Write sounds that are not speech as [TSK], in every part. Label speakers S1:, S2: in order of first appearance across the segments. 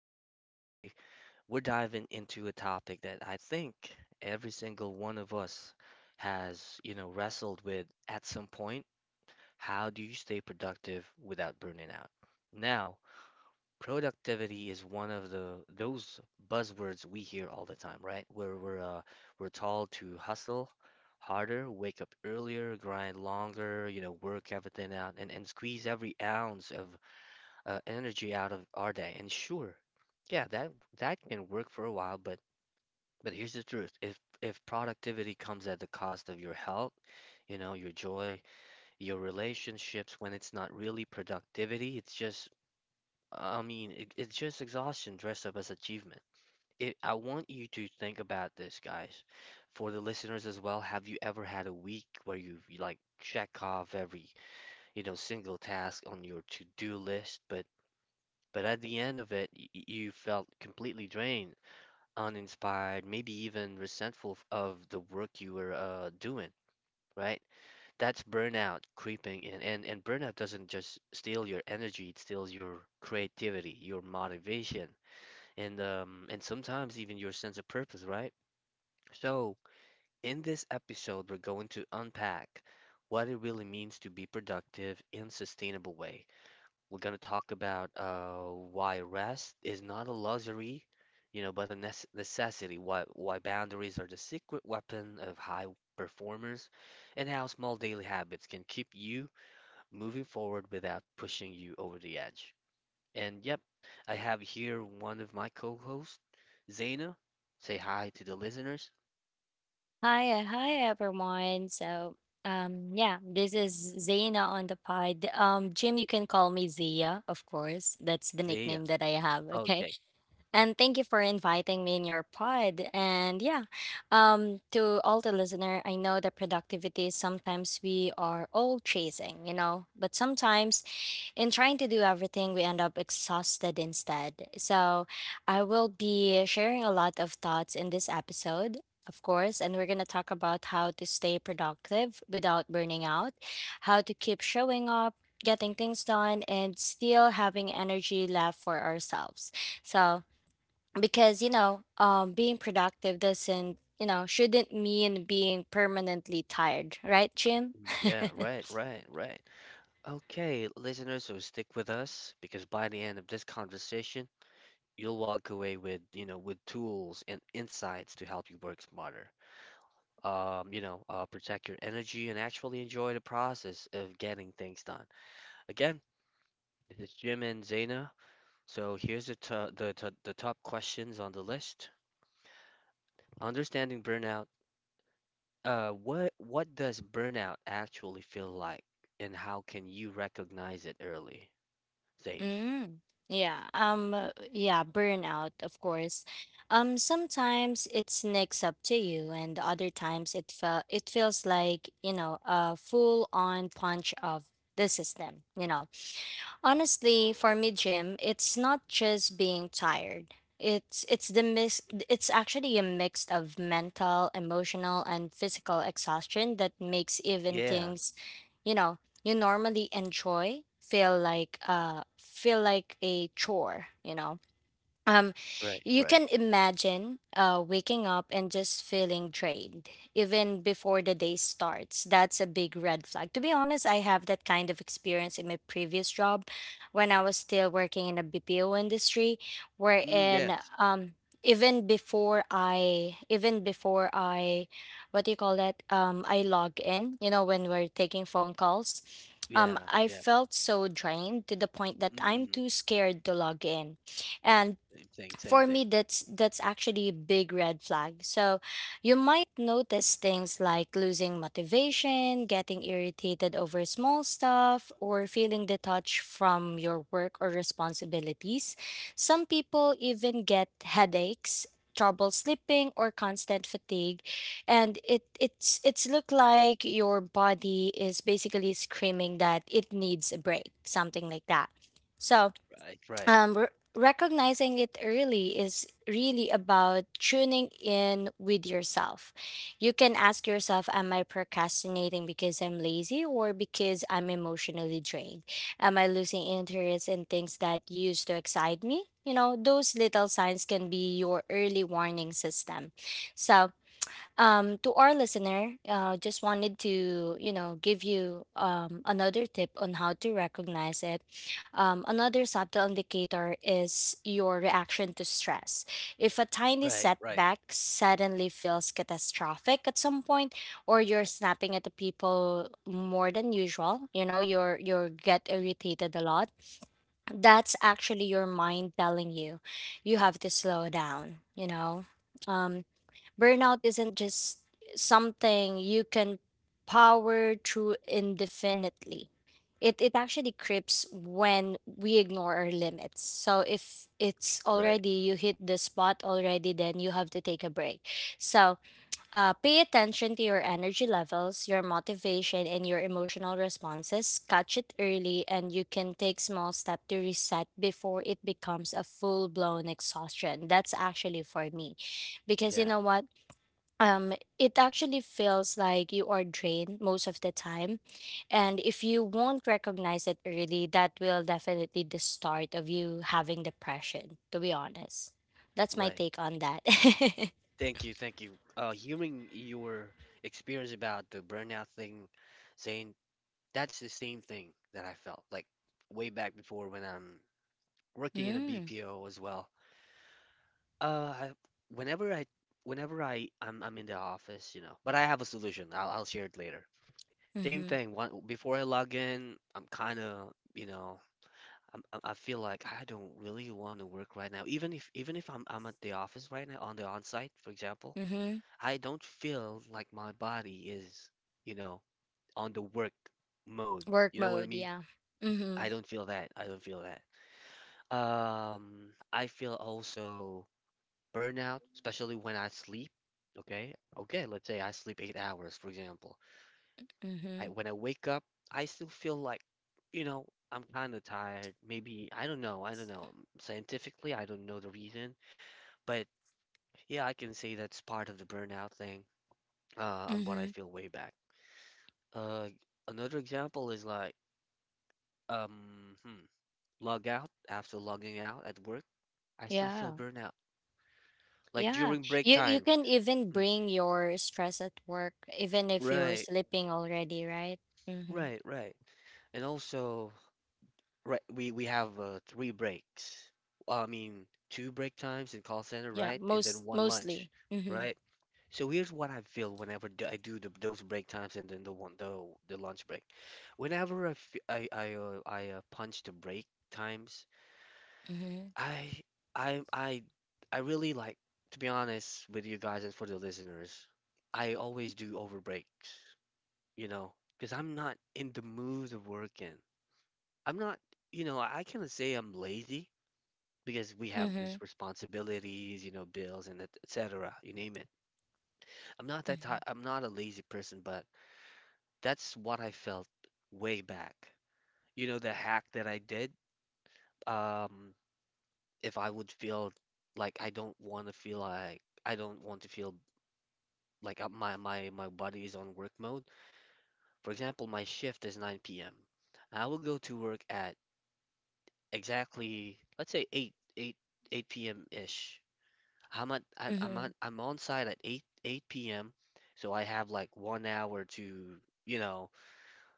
S1: is Jim. Today, we're diving into a topic that I think every single one of us has, wrestled with at some point. How do you stay productive without burning out? Now, productivity is one of the those buzzwords we hear all the time, right? Where we're told to hustle harder, wake up earlier, grind longer, you know, work everything out, and squeeze every ounce of energy out of our day. And sure, yeah, that can work for a while, but here's the truth. If productivity comes at the cost of your health, you know, your joy, your relationships, when it's not really productivity, it's just, I mean, it's just exhaustion dressed up as achievement. It, I want you to think about this, guys. For the listeners as well, have you ever had a week where you like check off every single task on your to-do list, but at the end of it, you felt completely drained, uninspired, maybe even resentful of the work you were doing, right? That's burnout creeping in. And burnout doesn't just steal your energy, it steals your creativity, your motivation, and sometimes even your sense of purpose, right? So, in this episode, we're going to unpack what it really means to be productive in a sustainable way. We're going to talk about why rest is not a luxury, you know, but a necessity. Why boundaries are the secret weapon of high performers, and how small daily habits can keep you moving forward without pushing you over the edge. And yep, I have here one of my co-hosts, Zaina. Say hi to the listeners.
S2: Hi, hi everyone. This is Zaina on the pod. Jim, you can call me Zia, of course. That's the
S1: Zaya.
S2: nickname that I have. Okay.
S1: Okay.
S2: And thank you for inviting me in your pod. And to all the listener, I know that productivity is sometimes we are all chasing, you know, but sometimes in trying to do everything, we end up exhausted instead. So I will be sharing a lot of thoughts in this episode. Of course, and we're going to talk about how to stay productive without burning out, how to keep showing up, getting things done, and still having energy left for ourselves. So, because being productive doesn't you know shouldn't mean being permanently tired, right, Jim?
S1: Mm,
S2: [LAUGHS]
S1: yeah, right, right, right. Okay, listeners, so stick with us because by the end of this conversation, you'll walk away with, you know, with tools and insights to help you work smarter. Protect your energy and actually enjoy the process of getting things done. Again, this is Jim and Zaina. So here's the to the top questions on the list. Understanding burnout. What does burnout actually feel like, and how can you recognize it early, Zane?
S2: mm, yeah, burnout, of course. Sometimes it sneaks up to you, and other times it feels like, you know, a full on punch of the system, you know. Honestly, for me, Jim, it's not just being tired. It's the mix, it's actually a mix of mental, emotional, and physical exhaustion that makes even
S1: Yeah,
S2: things, you know, you normally enjoy feel like a chore, you know. Um,
S1: right,
S2: you
S1: right.
S2: can imagine waking up and just feeling drained, even before the day starts. That's a big red flag. To be honest, I have that kind of experience in my previous job when I was still working in the BPO industry,
S1: Mm,
S2: wherein
S1: yes.
S2: even before I, even before I, what do you call that? I log in, you know, when we're taking phone calls.
S1: Yeah,
S2: I
S1: yeah.
S2: felt so drained to the point that I'm
S1: Mm-mm.
S2: too scared to log in. And
S1: Same thing, same
S2: for me,
S1: thing.
S2: that's actually a big red flag. So you might notice things like losing motivation, getting irritated over small stuff, or feeling detached from your work or responsibilities. Some people even get headaches, trouble sleeping, or constant fatigue. And it's look like your body is basically screaming that it needs a break, something like that. So
S1: Right, right.
S2: um, re- recognizing it early is really about tuning in with yourself. You can ask yourself, am I procrastinating because I'm lazy or because I'm emotionally drained? Am I losing interest in things that used to excite me? You know, those little signs can be your early warning system. So, to our listener, just wanted to, you know, give you another tip on how to recognize it. Another subtle indicator is your reaction to stress. If a tiny
S1: Right, right,
S2: setback suddenly feels catastrophic at some point, or you're snapping at the people more than usual, you know, you get irritated a lot, that's actually your mind telling you you have to slow down, you know. Um, Burnout isn't just something you can power through indefinitely. It actually creeps when we ignore our limits. So if it's
S1: right.
S2: already, you hit the spot already, then you have to take a break. So pay attention to your energy levels, your motivation, and your emotional responses. Catch it early, and you can take small step to reset before it becomes a full blown exhaustion. That's actually for me, because you
S1: Yeah,
S2: know what, um it actually feels like you are drained most of the time. And if you won't recognize it early, that will definitely the start of you having depression, to be honest. That's my
S1: right.
S2: take on that. [LAUGHS]
S1: Thank you, thank you. Hearing your experience about the burnout thing, saying that's the same thing that I felt like way back before when I'm working in a
S2: Mm.
S1: BPO as well. Uh, I, whenever whenever I'm in the office, you know, but I have a solution. I'll share it later. Same
S2: Mm-hmm.
S1: thing. One, before I log in, I'm kind of, you know. I feel like I don't really want to work right now. Even if I'm at the office right now on the on-site, for example,
S2: Mm-hmm.
S1: I don't feel like my body is, you know, on the work mode.
S2: Work
S1: You know what I
S2: mode,
S1: mean?
S2: yeah. Mm-hmm.
S1: I don't feel that. I don't feel that. I feel also burnout, especially when I sleep. Okay? Okay, let's say I sleep 8 hours, for example.
S2: Mm-hmm.
S1: I when I wake up, I still feel like, you know, I'm kind of tired. Maybe I don't know. I don't know. Scientifically, I don't know the reason, but yeah, I can say that's part of the burnout thing on what I
S2: Mm-hmm.
S1: feel way back. Uh, another example is like um hmm, log out after logging out at work, I still
S2: yeah
S1: feel burnout. Like
S2: yeah
S1: during break
S2: you you
S1: time.
S2: can even
S1: Mm,
S2: bring your stress at work even if you're
S1: right,
S2: sleeping already, right? Mm-hmm.
S1: right, right. And also right, we have three breaks. Well, I mean, two break times in call center,
S2: Yeah
S1: right? And then
S2: Most
S1: one lunch,
S2: mostly. Mm-hmm.
S1: right? So here's what I feel whenever I do the, those break times and then the lunch break. Whenever I punch the break times,
S2: Mm-hmm.
S1: I I I I really like to be honest with you guys and for the listeners. I always do over breaks, you know, because I'm not in the mood of working. I'm not, you know, I cannot say I'm lazy because we have
S2: Mm-hmm.
S1: these responsibilities, you know, bills and et cetera, you name it. I'm not that
S2: Mm-hmm.
S1: type, I'm not a lazy person, but that's what I felt way back. You know, the hack that I did, um, if I would feel like I don't want to feel like my body is on work mode. For example, my shift is 9 p.m. I will go to work at exactly, let's say 8 8 8 p.m. ish.
S2: Mm-hmm.
S1: I'm on site at 8 p.m. So I have like 1 hour to, you know,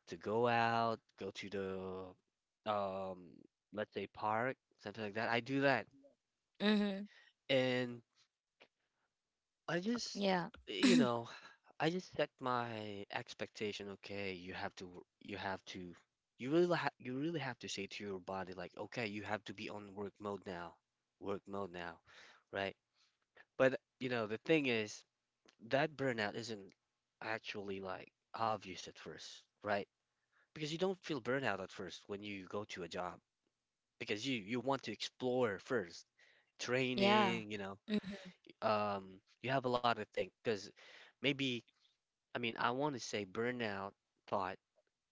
S1: to go out, go to the let's say park, something like that. I do that.
S2: Mm-hmm.
S1: And I just,
S2: Yeah.
S1: you know, I just set my expectation, okay, you have to you really have to say to your body like, okay, you have to be on work mode now. Work mode now, right? But you know, the thing is that burnout isn't actually like obvious at first, right? Because you don't feel burnout at first when you go to a job because you want to explore first,
S2: Yeah.
S1: training, you know,
S2: Mm-hmm.
S1: you have a lot of things because maybe I mean I want to say burnout thought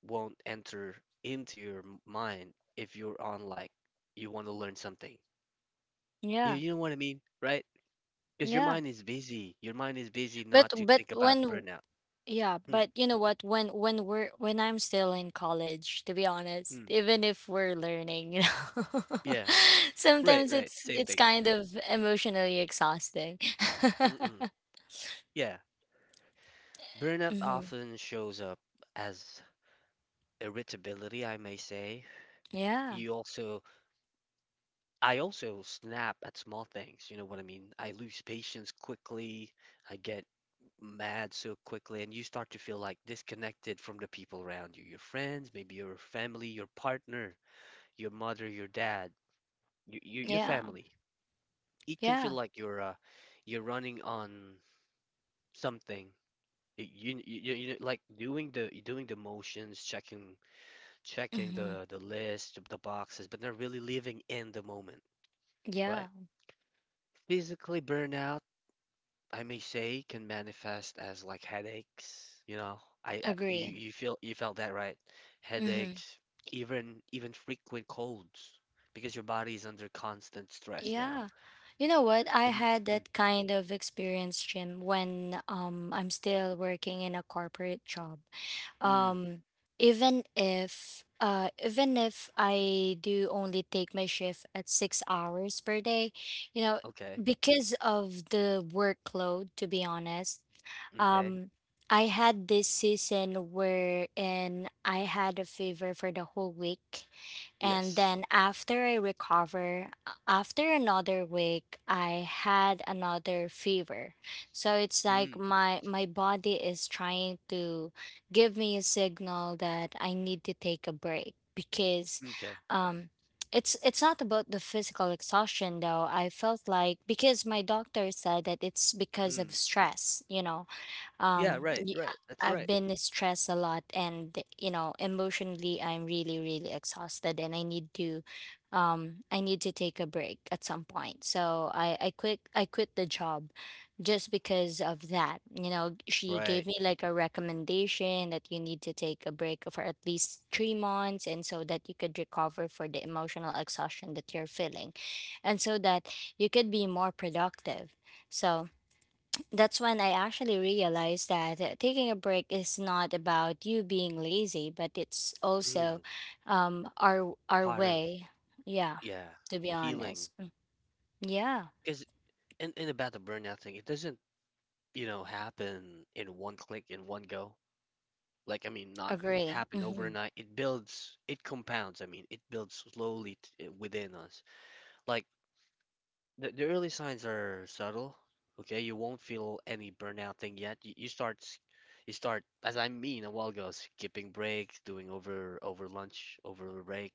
S1: won't enter into your mind if you're on like you want to learn something.
S2: Yeah.
S1: You know what I mean, right? Because your
S2: Yeah.
S1: mind is busy. Your mind is busy
S2: But
S1: not to
S2: but
S1: think about
S2: when
S1: the
S2: w-
S1: burnout.
S2: yeah,
S1: Mm,
S2: but you know what? When I'm still in college, to be honest,
S1: mm.
S2: even if we're learning, you know,
S1: Yeah,
S2: [LAUGHS]
S1: right,
S2: sometimes
S1: right.
S2: it's
S1: Same
S2: it's
S1: thing.
S2: kind of emotionally exhausting. [LAUGHS]
S1: Mm-mm. Yeah, burnout
S2: Mm-hmm.
S1: often shows up as irritability, I may say.
S2: Yeah.
S1: You also, I also snap at small things, you know what I mean? I lose patience quickly, I get mad so quickly, and you start to feel like disconnected from the people around you, your friends, maybe your family, your partner, your mother, your dad, your
S2: Yeah.
S1: family. It can feel
S2: Yeah.
S1: like you're running on something. You like doing the motions, checking
S2: Mm-hmm.
S1: the list, the boxes, but not really living in the moment,
S2: Yeah.
S1: right? Physically burnout, I may say, can manifest as like headaches. You know, I you
S2: Agree.
S1: feel you felt that right?
S2: Mm-hmm.
S1: Headaches, even frequent colds, because your body is under constant stress now.
S2: Yeah. You know what? I
S1: Em-
S2: had
S1: mm,
S2: that kind of experience, Jim, when I'm still working in a corporate job.
S1: mm,
S2: Um even if I do only take my shift at 6 hours per day, you know,
S1: okay,
S2: because of the workload, to be honest,
S1: okay,
S2: um I had this season where and I had a fever for the whole week, and
S1: yes,
S2: then after I recover, after another week I had another fever. So it's like
S1: mm,
S2: my body is trying to give me a signal that I need to take a break because
S1: okay,
S2: um it's not about the physical exhaustion though. I felt like because my doctor said that it's because of
S1: mm.
S2: stress, you know.
S1: Yeah,
S2: um,
S1: right,
S2: y-
S1: right. That's
S2: I've
S1: right.
S2: been stressed a lot, and you know, emotionally, I'm really, really exhausted, and I need to take a break at some point. So I quit the job, just because of that. You know, she
S1: Right.
S2: gave me like a recommendation that you need to take a break for at least 3 months, and so that you could recover for the emotional exhaustion that you're feeling, and so that you could be more productive. So that's when I actually realized that taking a break is not about you being lazy, but it's also
S1: Mm,
S2: our
S1: part of,
S2: way. Yeah,
S1: yeah,
S2: to be
S1: healing.
S2: honest. Yeah,
S1: Because in about the burnout thing, it doesn't, you know, happen in one click, in one go. Like, I mean, not
S2: agree.
S1: happen
S2: Mm-hmm.
S1: overnight. It builds, it compounds. I mean, it builds slowly within us. Like, the early signs are subtle. Okay, you won't feel any burnout thing yet. You start, as I mean a while ago, skipping breaks, doing over lunch, over break.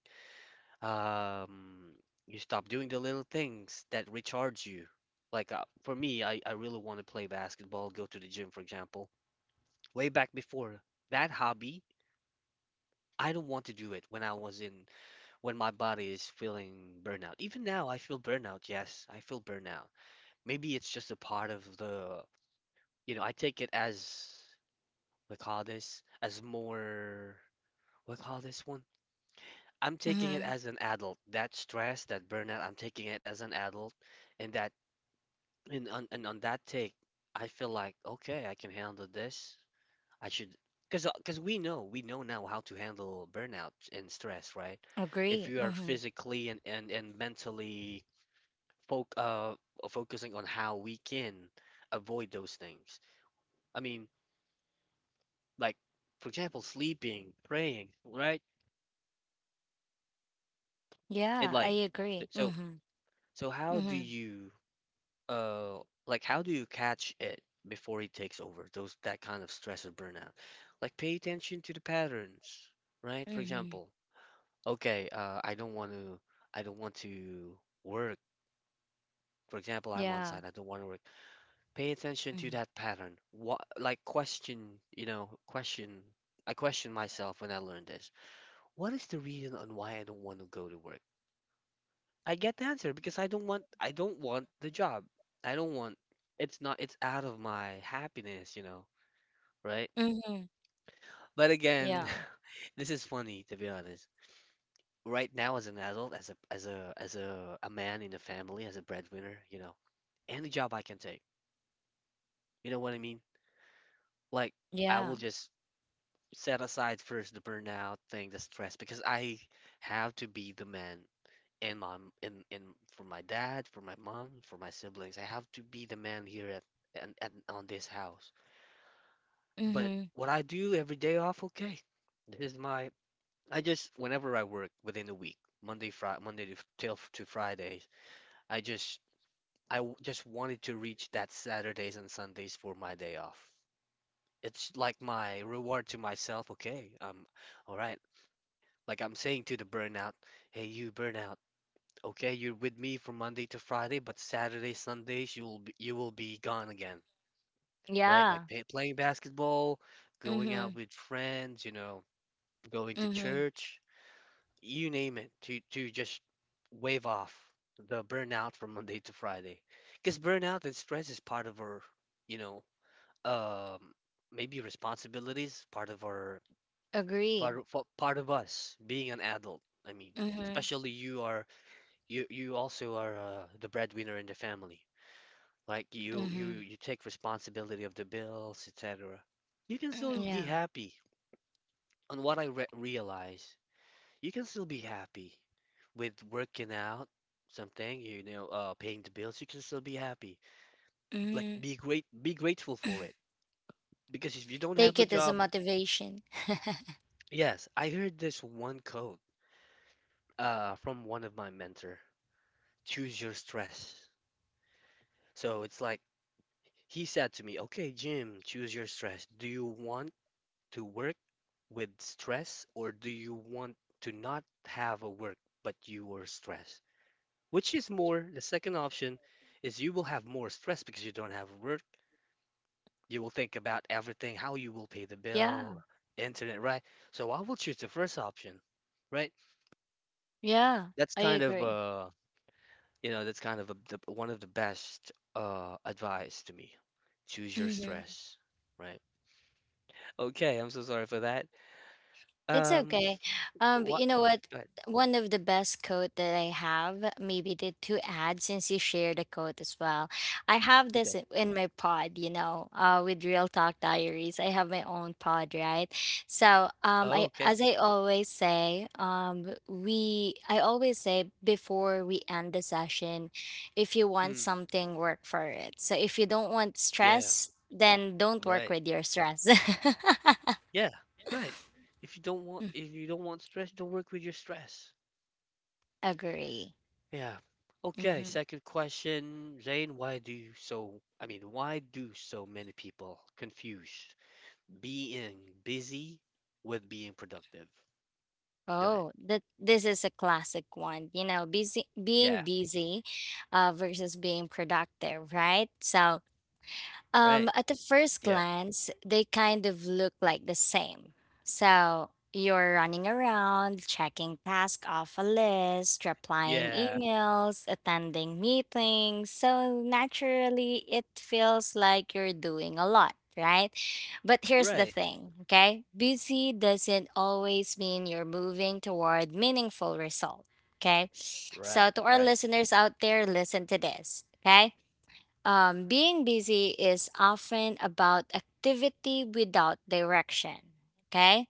S1: Um, you stop doing the little things that recharge you. Like for me, I really want to play basketball, go to the gym, for example. Way back before that hobby, I don't want to do it when I was in, when my body is feeling burnout. Even now, I feel burnout. Yes, I feel burnout. Maybe it's just a part of the, you know, I take it as, we call this, as more, what call this one? I'm taking it
S2: Mm-hmm.
S1: as an adult. That stress, that burnout, I'm taking it as an adult. And that and on that take, I feel like okay, I can handle this. I should, because we know now how to handle burnout and stress, right? If
S2: Agree.
S1: you are
S2: Mm-hmm.
S1: physically and mentally foc uh focusing on how we can avoid those things. I mean, like for example, sleeping, praying, right? It
S2: Yeah, I
S1: like
S2: agree.
S1: so
S2: Mm-hmm.
S1: so how do
S2: Mm-hmm.
S1: you? Uh, like how do you catch it before it takes over? Those that kind of stress or burnout. Like pay attention to the patterns, right? For
S2: Mm-hmm.
S1: example, okay, I don't want to work. For example, I'm on
S2: Yeah.
S1: site. I don't want to work. Pay attention to
S2: Mm-hmm.
S1: that pattern. What, like question, you know, question. I question myself when I learned this. What is the reason on why I don't want to go to work? I get the answer because I don't want the job. I don't want, it's not, it's out of my happiness, you know, right?
S2: Mm-hmm.
S1: But again,
S2: Yeah.
S1: [LAUGHS] this is funny to be honest. Right now as an adult, as a man in the family, as a breadwinner, you know, any job I can take. You know what I mean? Like I
S2: Yeah.
S1: will just set aside first the burnout thing, the stress because I have to be the man and my in for my dad, for my mom, for my siblings. I have to be the man here at and on this house. But
S2: Mm-hmm.
S1: what I do every day off, okay. This is my I just whenever I work within the week, Monday Friday, Monday to, till to Fridays, I just just wanted to reach that Saturdays and Sundays for my day off. It's like my reward to myself, okay. All right. Like I'm saying to the burnout, hey you burnout. Okay, you're with me from Monday to Friday, but Saturday, Sundays, you will be gone again, right? Like
S2: Yeah.
S1: playing basketball, going
S2: Mm-hmm.
S1: out with friends, you know, going to
S2: Mm-hmm.
S1: church, you name it, to just wave off the burnout from Monday to Friday. Because burnout and stress is part of our, you know, um, maybe responsibilities, part of our,
S2: Agree.
S1: part of, fa- part of us being an adult. I mean,
S2: Mm-hmm.
S1: especially you also are the breadwinner in the family. Like you
S2: Mm-hmm.
S1: you take responsibility of the bills, etc. You can
S2: Mm-hmm.
S1: still be
S2: Yeah.
S1: happy. On what I re realize, you can still be happy with working out something, you know, paying the bills. You can still be happy. Like
S2: Mm-hmm.
S1: be grateful for it. Because if you don't
S2: Take
S1: have a
S2: it as a
S1: job,
S2: motivation.
S1: yes, I heard this one quote from one of my mentor. Choose your stress. So it's like he said to me, "Okay, Jim, choose your stress. Do you want to work with stress, or do you want to not have a work but you are stressed?" Which is more, the second option is you will have more stress because you don't have work. You will think about everything, how you will pay the
S2: Yeah,
S1: bill, internet, right? So I will choose the first option, right?
S2: yeah,
S1: That's
S2: I
S1: kind of
S2: agree.
S1: you know, that's kind of one of the best advice to me. Choose your
S2: Mhm.
S1: stress, right? Okay, I'm so sorry for that.
S2: It's
S1: Um,
S2: okay. But
S1: what?
S2: you know what?
S1: Go ahead.
S2: One of the best quote that I have, maybe the to add since you share the quote as well. I have
S1: Okay.
S2: this in my pod, you know, with Real Talk Diaries. I have my own pod, right? So,
S1: Oh,
S2: I,
S1: okay.
S2: as I always say, we I always say before we end the session, if you want
S1: Mm.
S2: something, work for it. So if you don't want
S1: Yeah,
S2: stress, then don't work
S1: right.
S2: with your stress.
S1: Yeah, right. If you don't want stress, don't work with your stress.
S2: [LAUGHS] Agree.
S1: Yeah. Okay,
S2: Mhm.
S1: second question, Zane, why do so many people confuse being busy with being productive? Go ahead.
S2: Oh, that this is a classic one. You know, busy
S1: Yeah,
S2: being busy versus being productive, right? So,
S1: right.
S2: at the first
S1: Yeah.
S2: glance, they kind of look like the same. So you're running around, checking tasks off a list, replying
S1: Yeah,
S2: emails, attending meetings. So naturally, it feels like you're doing a lot, right? But here's the
S1: right.
S2: thing, okay? Busy doesn't always mean you're moving toward meaningful result, okay? So
S1: Right,
S2: to our
S1: right.
S2: listeners out there, listen to this, okay? Being busy is often about activity without direction. Okay.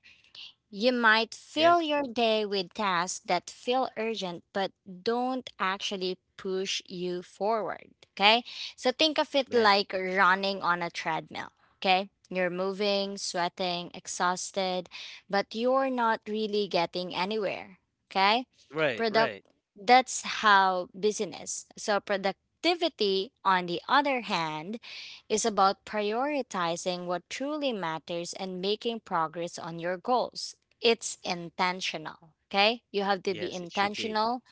S2: You might
S1: Yeah,
S2: fill your day with tasks that feel urgent but don't actually push you forward. Okay. So think of it
S1: man.
S2: like running on a treadmill. Okay. You're moving, sweating, exhausted, but you're not really getting anywhere. Okay.
S1: Right,
S2: Product
S1: right.
S2: that's how business. So productivity, on the other hand, is about prioritizing what truly matters and making progress on your goals. It's intentional. Okay. You have to be
S1: Yes, it should be.
S2: intentional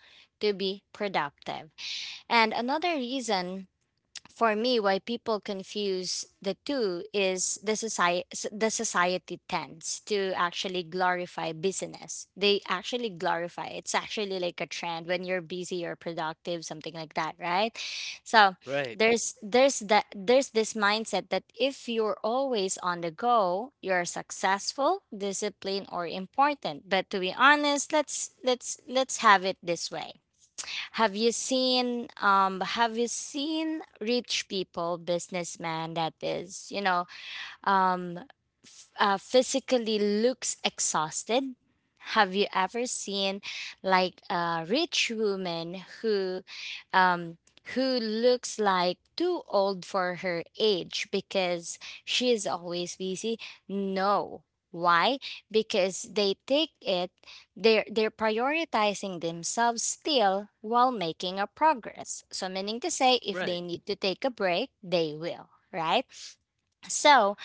S2: to be productive. And another reason for me why people confuse the two is the society. The society tends to actually glorify business. They actually glorify, it's actually like a trend when you're busy or productive, something like that, right? So
S1: Right,
S2: there's this mindset that if you're always on the go, you're successful, disciplined, or important. But to be honest, let's have it this way. Have you seen, have you seen rich people, businessman that is, you know, um, physically looks exhausted? Have you ever seen like a rich woman who, um, who looks like too old for her age because she is always busy? No. Why? Because they take it, they're prioritizing themselves still while making a progress. So meaning to say, if they
S1: right,
S2: need to take a break, they will, right? So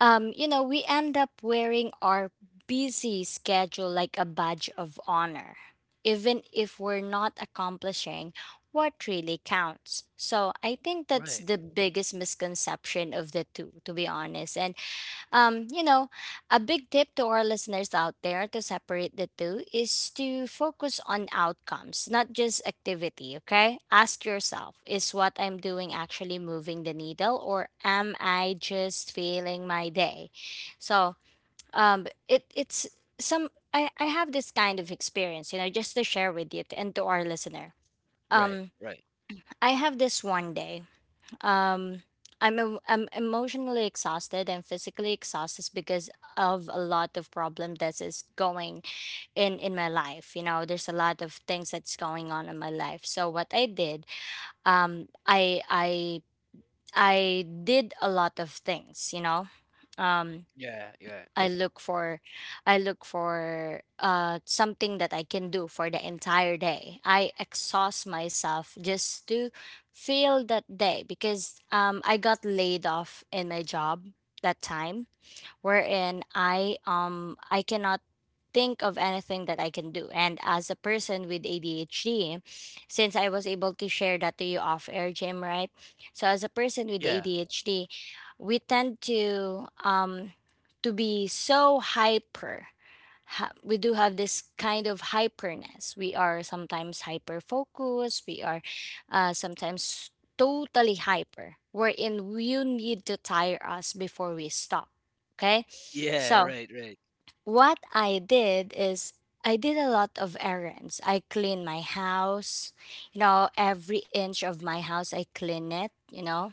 S2: you know, we end up wearing our busy schedule like a badge of honor, even if we're not accomplishing what really counts. So I think that's
S1: right,
S2: the biggest misconception of the two, to be honest. And you know, a big tip to our listeners out there to separate the two is to focus on outcomes, not just activity, okay? Ask yourself, is what I'm doing actually moving the needle, or am I just feeling my day? So, it it's some I have this kind of experience, you know, just to share with you and to our listener.
S1: right,
S2: Um
S1: right.
S2: I have this one day, um I'm emotionally exhausted and physically exhausted because of a lot of problem that is going in my life. You know, there's a lot of things that's going on in my life. So what I did, um, I I I did a lot of things. You know, um,
S1: Yeah, yeah.
S2: I look for I look for something that I can do for the entire day. I exhaust myself just to fill that day because I got laid off in my job that time wherein I cannot think of anything that I can do. And as a person with ADHD, since I was able to share that to you off air, Jim, right? So as a person with
S1: Yeah,
S2: ADHD, we tend to be so we do have this kind of hyperness. We are sometimes hyper focused. We are sometimes totally hyper, wherein you need to tire us before we stop. Okay.
S1: Yeah,
S2: So
S1: right, right.
S2: what I did is I did a lot of errands. I clean my house, you know, every inch of my house, I clean it, you know,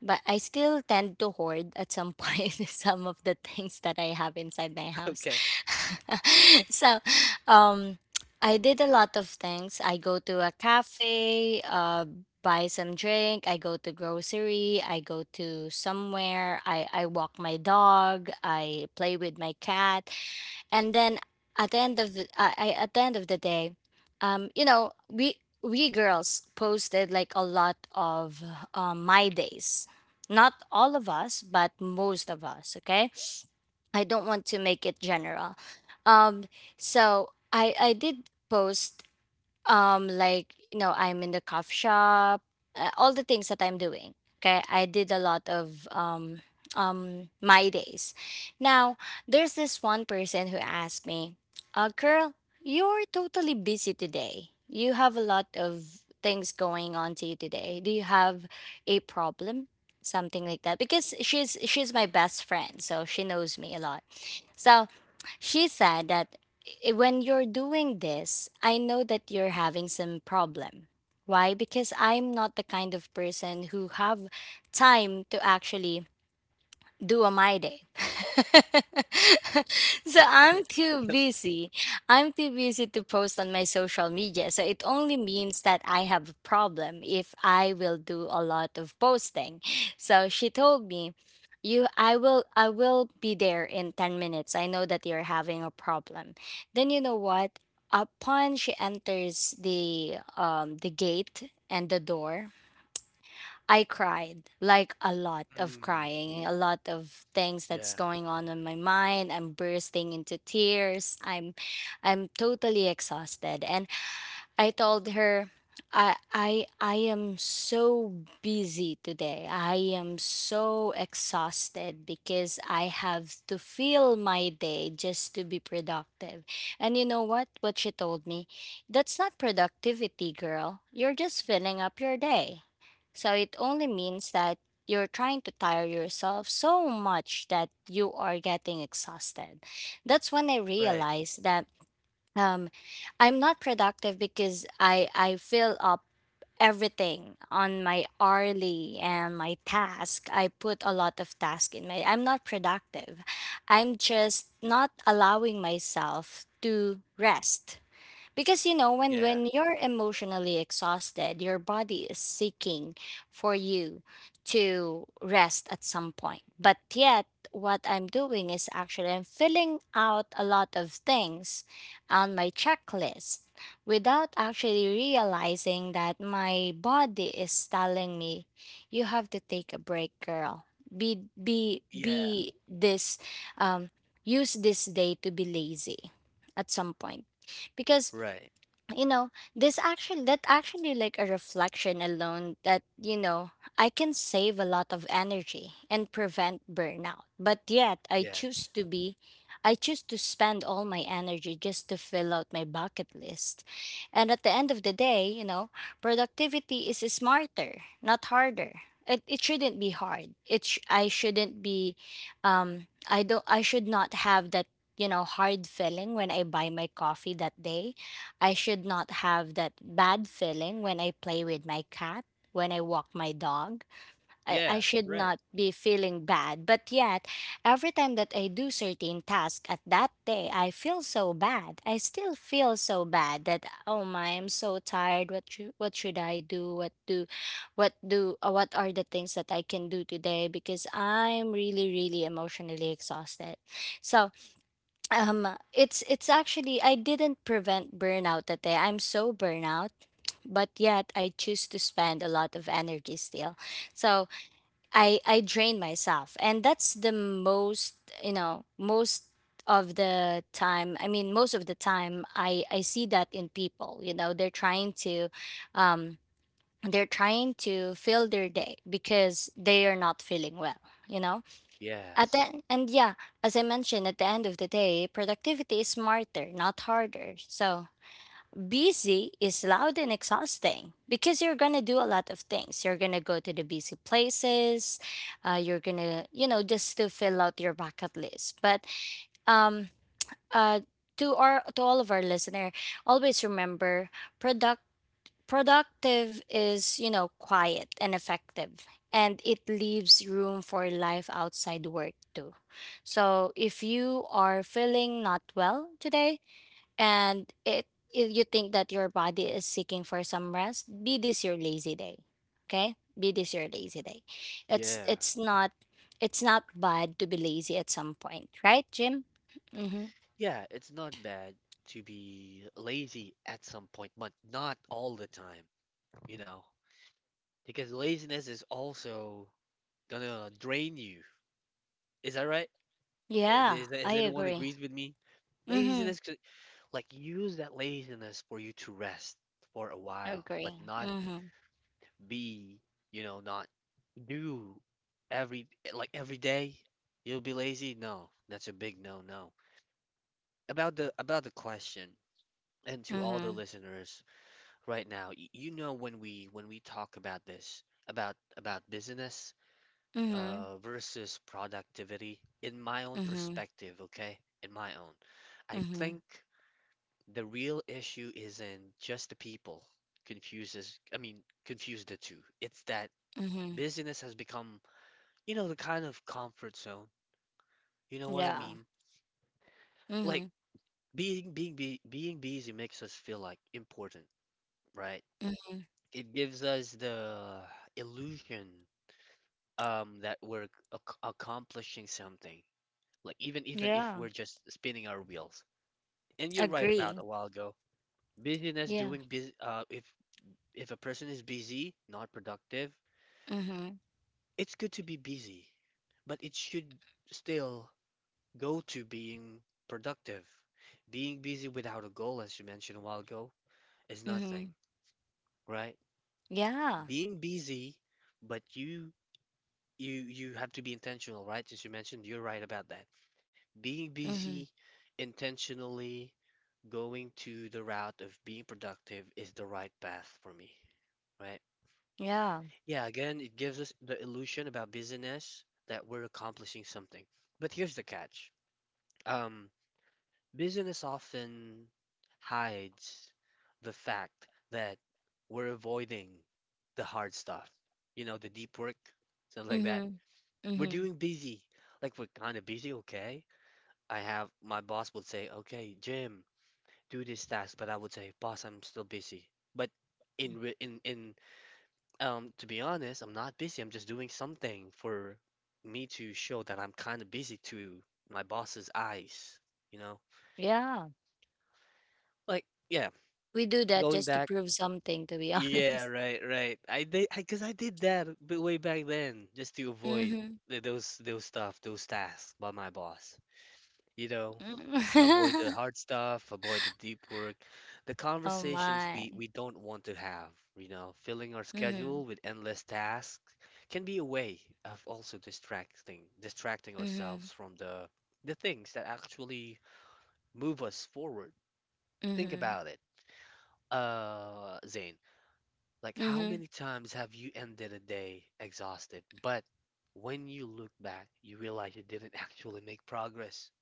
S2: but I still tend to hoard at some point [LAUGHS] some of the things that I have inside my
S1: [LAUGHS]
S2: house.
S1: Okay,
S2: [LAUGHS] So, um, I did a lot of things. I go to a cafe, buy some drink. I go to grocery. I go to somewhere. I walk my dog. I play with my cat, and then at the end of the day, you know, we girls posted like a lot of my days. Not all of us, but most of us. Okay, I don't want to make it general. um so I did post, like, you know, I'm in the coffee shop, all the things that I'm doing. Okay, I did a lot of my days. Now, there's this one person who asked me, "Girl, you're totally busy today. You have a lot of things going on to you today. Do you have a problem?" Something like that, because she's my best friend, so she knows me a lot. So she said that, "When you're doing this, I know that you're having some problem." Why? Because I'm not the kind of person who have time to actually do on my day. [LAUGHS] So I'm
S1: okay.
S2: too
S1: So
S2: busy. I'm too busy to post on my social media. So it only means that I have a problem if I will do a lot of posting. So she told me, "You I will be there in 10 minutes. I know that you're having a problem." Then you know what? Upon she enters the gate and the door, I cried like a lot of
S1: Mm,
S2: crying, a lot of things that's
S1: yeah,
S2: going on in my mind. I'm bursting into tears. I'm totally exhausted. And I told her, I am so busy today. I am so exhausted because I have to fill my day just to be productive. And you know what? What she told me, that's not productivity, girl. You're just filling up your day. So it only means that you're trying to tire yourself so much that you are getting exhausted. That's when I
S1: right.
S2: realized that, um, I'm not productive because I fill up everything on my hourly and my task. I put a lot of task in my, I'm not productive. I'm just not allowing myself to rest, because you know,
S1: Yeah,
S2: when you're emotionally exhausted, your body is seeking for you to rest at some point. But yet, what I'm doing is actually I'm filling out a lot of things on my checklist without actually realizing that my body is telling me you have to take a break, girl.
S1: yeah,
S2: Be this um use this day to be lazy at some point. Because
S1: right.
S2: you know, this actually, that actually, like a reflection alone, that you know, I can save a lot of energy and prevent burnout. But yet I
S1: Yes.
S2: choose to be, I choose to spend all my energy just to fill out my bucket list. And at the end of the day, you know, productivity is smarter, not harder. It shouldn't be hard. I shouldn't be, I don't, I should not have that, you know, hard feeling when I buy my coffee that day. I should not have that bad feeling when I play with my cat, when I walk my dog. I
S1: Yeah,
S2: should
S1: right.
S2: not be feeling bad. But yet, every time that I do certain task at that day, I feel so bad. I still feel so bad that, oh my, I'm so tired. What should I do? What are the things that I can do today, because I'm really really emotionally exhausted? So, um it's actually, I didn't prevent burnout that day. I'm so burnout, but yet I choose to spend a lot of energy still. So I drain myself. And that's the most, you know, most of the time, I mean, most of the time I see that in people. You know, they're trying to, um they're trying to fill their day because they are not feeling well, you know. At
S1: Yes.
S2: the, and yeah, as I mentioned, at the end of the day, productivity is smarter, not harder. So busy is loud and exhausting because you're gonna do a lot of things. You're gonna go to the busy places. You're gonna, you know, just to fill out your bucket list. But um, uh, to our, to all of our listener, always remember, product. productive is, you know, quiet and effective, and it leaves room for life outside work too. So if you are feeling not well today, and it, if you think that your body is seeking for some rest, be this your lazy day. Okay? Be this your lazy day. It's
S1: Yeah.
S2: it's not it's not bad to be lazy at some point, right, Jim? Mhm.
S1: Yeah, it's not bad to be lazy at some point, but not all the time, you know, because laziness is also gonna drain you. Is that right?
S2: Yeah,
S1: Is
S2: I
S1: anyone
S2: agree.
S1: agrees with me?
S2: Mhm.
S1: Laziness could like use that laziness for you to rest for a
S2: I
S1: while, but
S2: agree.
S1: not
S2: Mhm.
S1: be, you know, not do every like every day you'll be lazy? No, that's a big no no. About the question and to all the
S2: Mhm.
S1: listeners right now, you know when we talk about this about business
S2: Mhm.
S1: versus productivity in my own
S2: Mm-hmm.
S1: perspective, okay? In my own. I
S2: Mm-hmm.
S1: think the real issue isn't just the people confuses I mean confuse the two. It's that
S2: Mm-hmm.
S1: business has become you know the kind of comfort zone, you know what I
S2: Yeah.
S1: mean,
S2: Mm-hmm.
S1: like being busy makes us feel like important, right?
S2: Mm-hmm.
S1: It gives us the illusion that we're accomplishing something, like even if
S2: Yeah.
S1: we're just spinning our wheels. And you're right about
S2: Agree.
S1: a while ago, busyness
S2: Yeah.
S1: doing bus if a person is busy not productive,
S2: Mm-hmm.
S1: it's good to be busy, but it should still go to being productive. Being busy without a goal, as you mentioned a while ago, is
S2: Mm-hmm.
S1: nothing, right?
S2: Yeah.
S1: Being busy, but you you have to be intentional, right? As you mentioned, you're right about that. Being
S2: Mm-hmm.
S1: busy intentionally going to the route of being productive is the right path for me, right?
S2: Yeah.
S1: Yeah, again, it gives us the illusion about busyness that we're accomplishing something. But here's the catch. Um, Business often hides the fact that we're avoiding the hard stuff, you know, the deep work, something like that.
S2: Mm-hmm.
S1: We're
S2: Mm-hmm.
S1: doing busy. Like we're kind of busy, okay? I have my boss would say, "Okay, Jim, do this task," but I would say, "Boss, I'm still busy." But in re- in to be honest, I'm not busy. I'm just doing something for me to show that I'm kind of busy to my boss's eyes, you know?
S2: Yeah.
S1: Like, yeah,
S2: We do that
S1: going
S2: just to
S1: back
S2: prove something, to be
S1: Yeah,
S2: honest.
S1: right, right. I did because I did that way back then just to avoid
S2: Mm-hmm.
S1: those stuff, those tasks by my boss. You know, avoid the hard stuff, avoid the deep work, the
S2: [LAUGHS] Oh
S1: conversations
S2: my.
S1: we don't want to have. You know, filling our
S2: Mm-hmm.
S1: schedule with endless tasks can be a way of also distracting
S2: Mm-hmm.
S1: ourselves from the things that actually move us forward. Think
S2: Mm-hmm.
S1: about it, Zane. Like, how
S2: Mm-hmm.
S1: many times have you ended a day exhausted, but when you look back, you realize you didn't [LAUGHS] actually make progress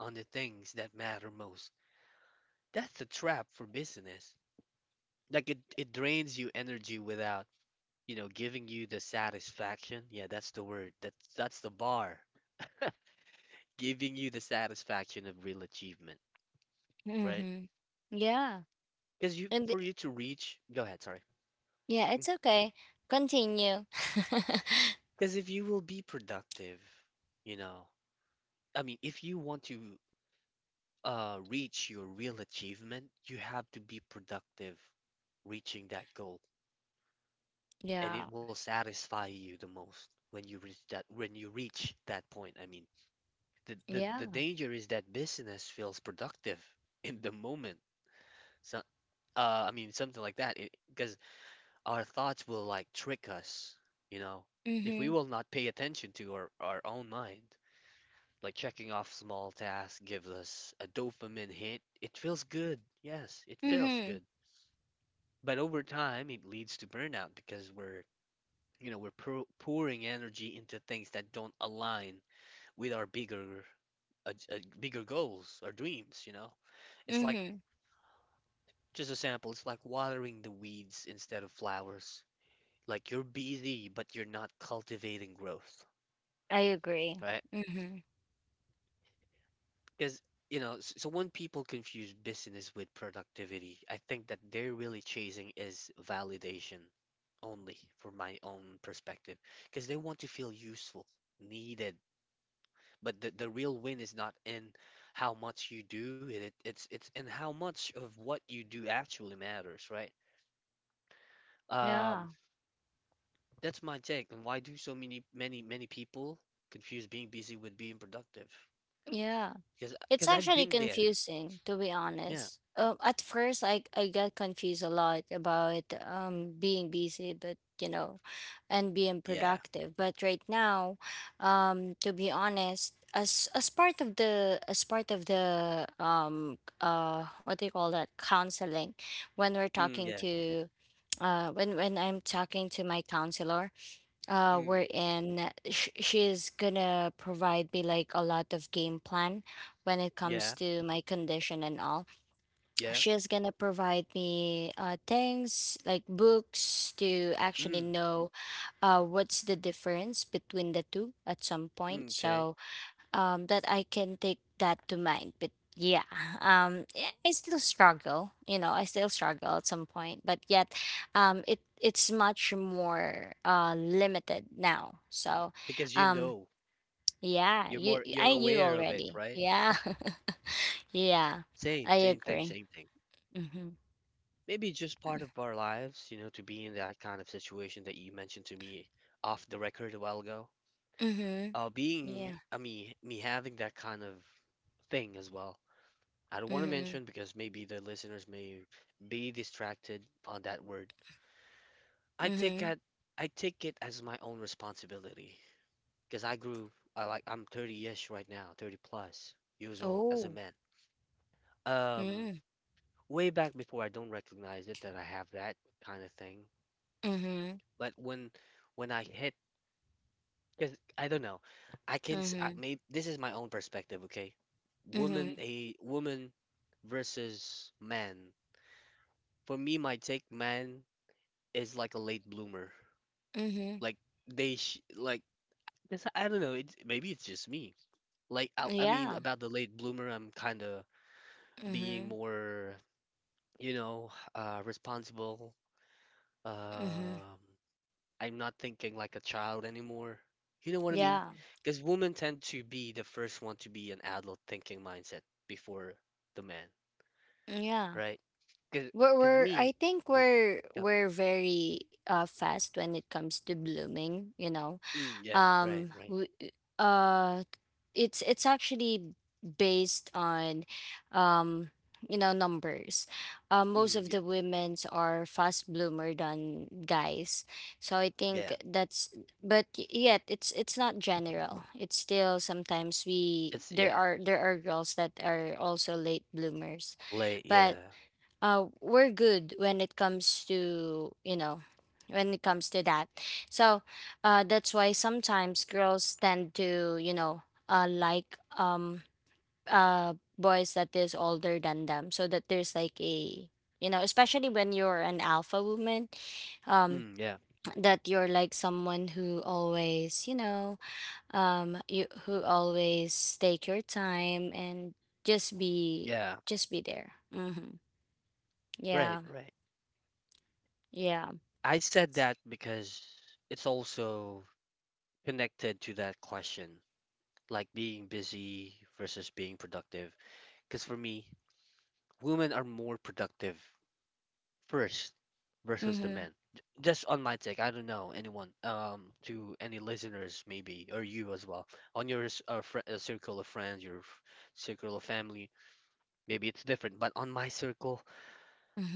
S1: on the things that matter most? That's a trap for business. Like, it drains you energy without, you know, giving you the satisfaction. Yeah, that's the word. That's the bar. Giving you the satisfaction of real achievement, right?
S2: Mm-hmm. Yeah.
S1: Because you
S2: And
S1: for you to reach, go ahead, sorry.
S2: yeah, it's okay. Continue. [LAUGHS]
S1: Because if you will be productive, you know, I mean, if you want to reach your real achievement, you have to be productive reaching that goal, and
S2: Yeah.
S1: it will satisfy you the most when you reach that when you reach that point. I mean, the
S2: Yeah.
S1: danger is that business feels productive [LAUGHS] in the moment. So, I mean, something like that, because our thoughts will like trick us, you know, if we
S2: Mm-hmm.
S1: will not pay attention to our own mind. Like checking off small tasks gives us a dopamine hit. It feels good. Yes, it feels
S2: Mm-hmm.
S1: good. But over time, it leads to burnout because we're, you know, we're pouring energy into things that don't align with our bigger, bigger goals or dreams, you know? It's like,
S2: Mm-hmm.
S1: just a sample, it's like watering the weeds instead of flowers. Like you're busy, but you're not cultivating growth,
S2: I agree.
S1: right?
S2: Mm-hmm.
S1: Because, you know, so when people confuse business with productivity, I think that they're really chasing is validation only for my own perspective. Because they want to feel useful, needed. But the real win is not in how much you do it, it's in how much of what you do actually matters, right?
S2: Yeah.
S1: Um, that's my take. And why do so many people confuse being busy with being productive?
S2: Yeah.
S1: Because
S2: It's
S1: I've
S2: actually
S1: been there.
S2: confusing, to be
S1: Yeah.
S2: honest. At first, I got confused a lot about, being busy, but you know, and being
S1: Yeah.
S2: productive. But right now, to be honest, as part of the, as part of the what do you call that, counseling, when we're
S1: Mm,
S2: talking
S1: yeah.
S2: to, when I'm talking to my counselor,
S1: Mm.
S2: wherein she's gonna provide me like a lot of game plan when it comes
S1: Yeah,
S2: to my condition and all,
S1: yeah.
S2: she's gonna provide me things like books to actually
S1: Mm,
S2: know, what's the difference between the two at some point.
S1: mm, okay.
S2: So that I can take that to mind. But yeah, [LAUGHS] I still struggle. You know, I still struggle at some point. But yet, it, it's much more, limited now. So,
S1: Because you
S2: um,
S1: know,
S2: yeah,
S1: you're
S2: you,
S1: more you're
S2: I knew
S1: aware of it,
S2: already.
S1: right?
S2: Yeah, [LAUGHS] yeah,
S1: Same,
S2: I
S1: same thing,
S2: agree.
S1: same thing.
S2: Mm-hmm.
S1: Maybe it's just part of our lives, you know, to be in that kind of situation that you mentioned to me off the record a while ago.
S2: Mm-hmm.
S1: Being,
S2: Yeah.
S1: I mean, me having that kind of thing as well. I don't want to
S2: Mm-hmm.
S1: mention because maybe the listeners may be distracted on that word. I take
S2: Mm-hmm.
S1: that I take it as my own responsibility because I grew I like I'm 30-ish right now, 30 plus years old as a
S2: Oh.
S1: man. Um,
S2: Mm.
S1: Way back before I don't recognize it that I have that kind of thing.
S2: Mm-hmm.
S1: But when I hit, because I don't know, I can s- I,
S2: Mm-hmm.
S1: maybe this is my own perspective, okay?
S2: Mm-hmm.
S1: Woman a woman versus man. For me, my take man is like a late bloomer.
S2: Mm-hmm.
S1: Like they sh like this I don't know, it's maybe it's just me. Like I mean
S2: Yeah.
S1: about the late bloomer, I'm kind of being
S2: Mm-hmm.
S1: more, you know, responsible.
S2: Mm-hmm.
S1: Um, I'm not thinking like a child anymore. You know what I mean?
S2: Yeah.
S1: Because women tend to be the first one to be an adult thinking mindset before the man,
S2: Yeah.
S1: right? Because
S2: We're
S1: me,
S2: I think
S1: mm,
S2: we're
S1: yeah,
S2: we're very fast when it comes to blooming, you know.
S1: mm, yeah, right, right,
S2: We, uh it's actually based on, um you know, numbers. Most
S1: mm,
S2: of
S1: yeah,
S2: the women's are fast bloomer than guys. So I think
S1: yeah,
S2: that's, but yet it's not general. It's still, sometimes, we
S1: it's
S2: there
S1: yeah,
S2: are, there are girls that are also late bloomers.
S1: late,
S2: But
S1: yeah,
S2: we're good when it comes to, you know, when it comes to that. So that's why sometimes girls tend to, you know, like, uh boys that is older than them, so that there's like a, you know, especially when you're an alpha woman, um
S1: mm, yeah,
S2: that you're like someone who always, you know, you who always take your time and just be,
S1: yeah,
S2: just be there. Hmm.
S1: right,
S2: Yeah.
S1: right.
S2: Yeah.
S1: I said that because it's also connected to that question. Like being busy versus being productive. Because for me, women are more productive first versus the
S2: Mhm,
S1: men. Just on my take, I don't know anyone, to any listeners maybe, or you as well, on your s- fr circle of friends, circle of family, maybe it's different. But on my circle,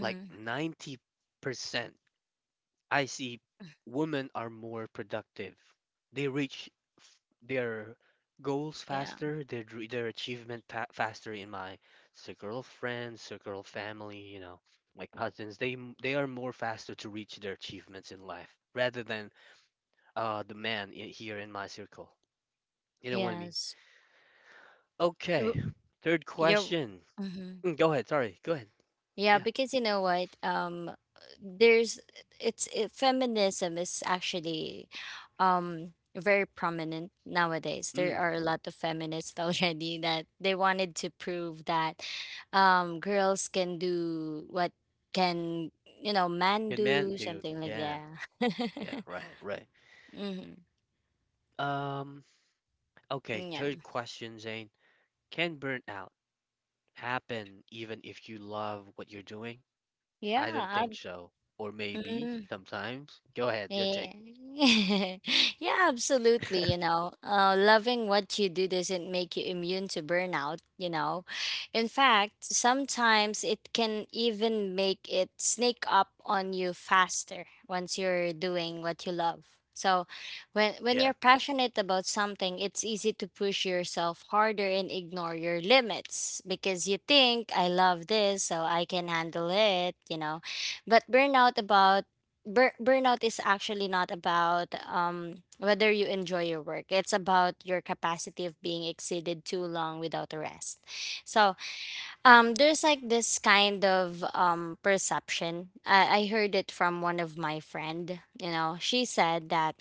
S1: like 90% I see women are more productive. They reach f- their goals
S2: Yeah.
S1: faster, their achievement pa faster in my circle of friends, circle of family, my cousins. They are more faster to reach their achievements in life rather than the man here in my circle. You know what I mean?
S2: Yes. W-
S1: Okay. Third
S2: You're.
S1: question.
S2: Mhm.
S1: Go ahead. Sorry. Go ahead.
S2: Yeah,
S1: Yeah.
S2: because you know what? There's, it's, it, feminism is actually, very prominent nowadays. There
S1: Mm.
S2: are a lot of feminists [LAUGHS] already that they wanted to prove that, girls can do what can, you know, man
S1: Can man
S2: do,
S1: do?
S2: something like
S1: Yeah. Yeah.
S2: that. [LAUGHS]
S1: Right. Right.
S2: Mhm.
S1: Um. Okay.
S2: Yeah.
S1: Third question, Zane. Can burnout happen even if you love what you're doing? I don't
S2: Yeah.
S1: think so. Or maybe
S2: I,
S1: sometimes. Go ahead, your take.
S2: yeah. [LAUGHS] Yeah, absolutely. You know, loving what you do doesn't make you immune to burnout. You know, in fact, sometimes it can even make it sneak up on you faster once you're doing what you love. So, when
S1: Yeah,
S2: you're passionate about something, it's easy to push yourself harder and ignore your limits because you think, I love this, so I can handle it. You know, but burnout is actually not about, whether you enjoy your work. It's about your capacity of being exceeded too long without a rest. So, there's like this kind of, perception, I heard it from one of my friend. You know, she said that,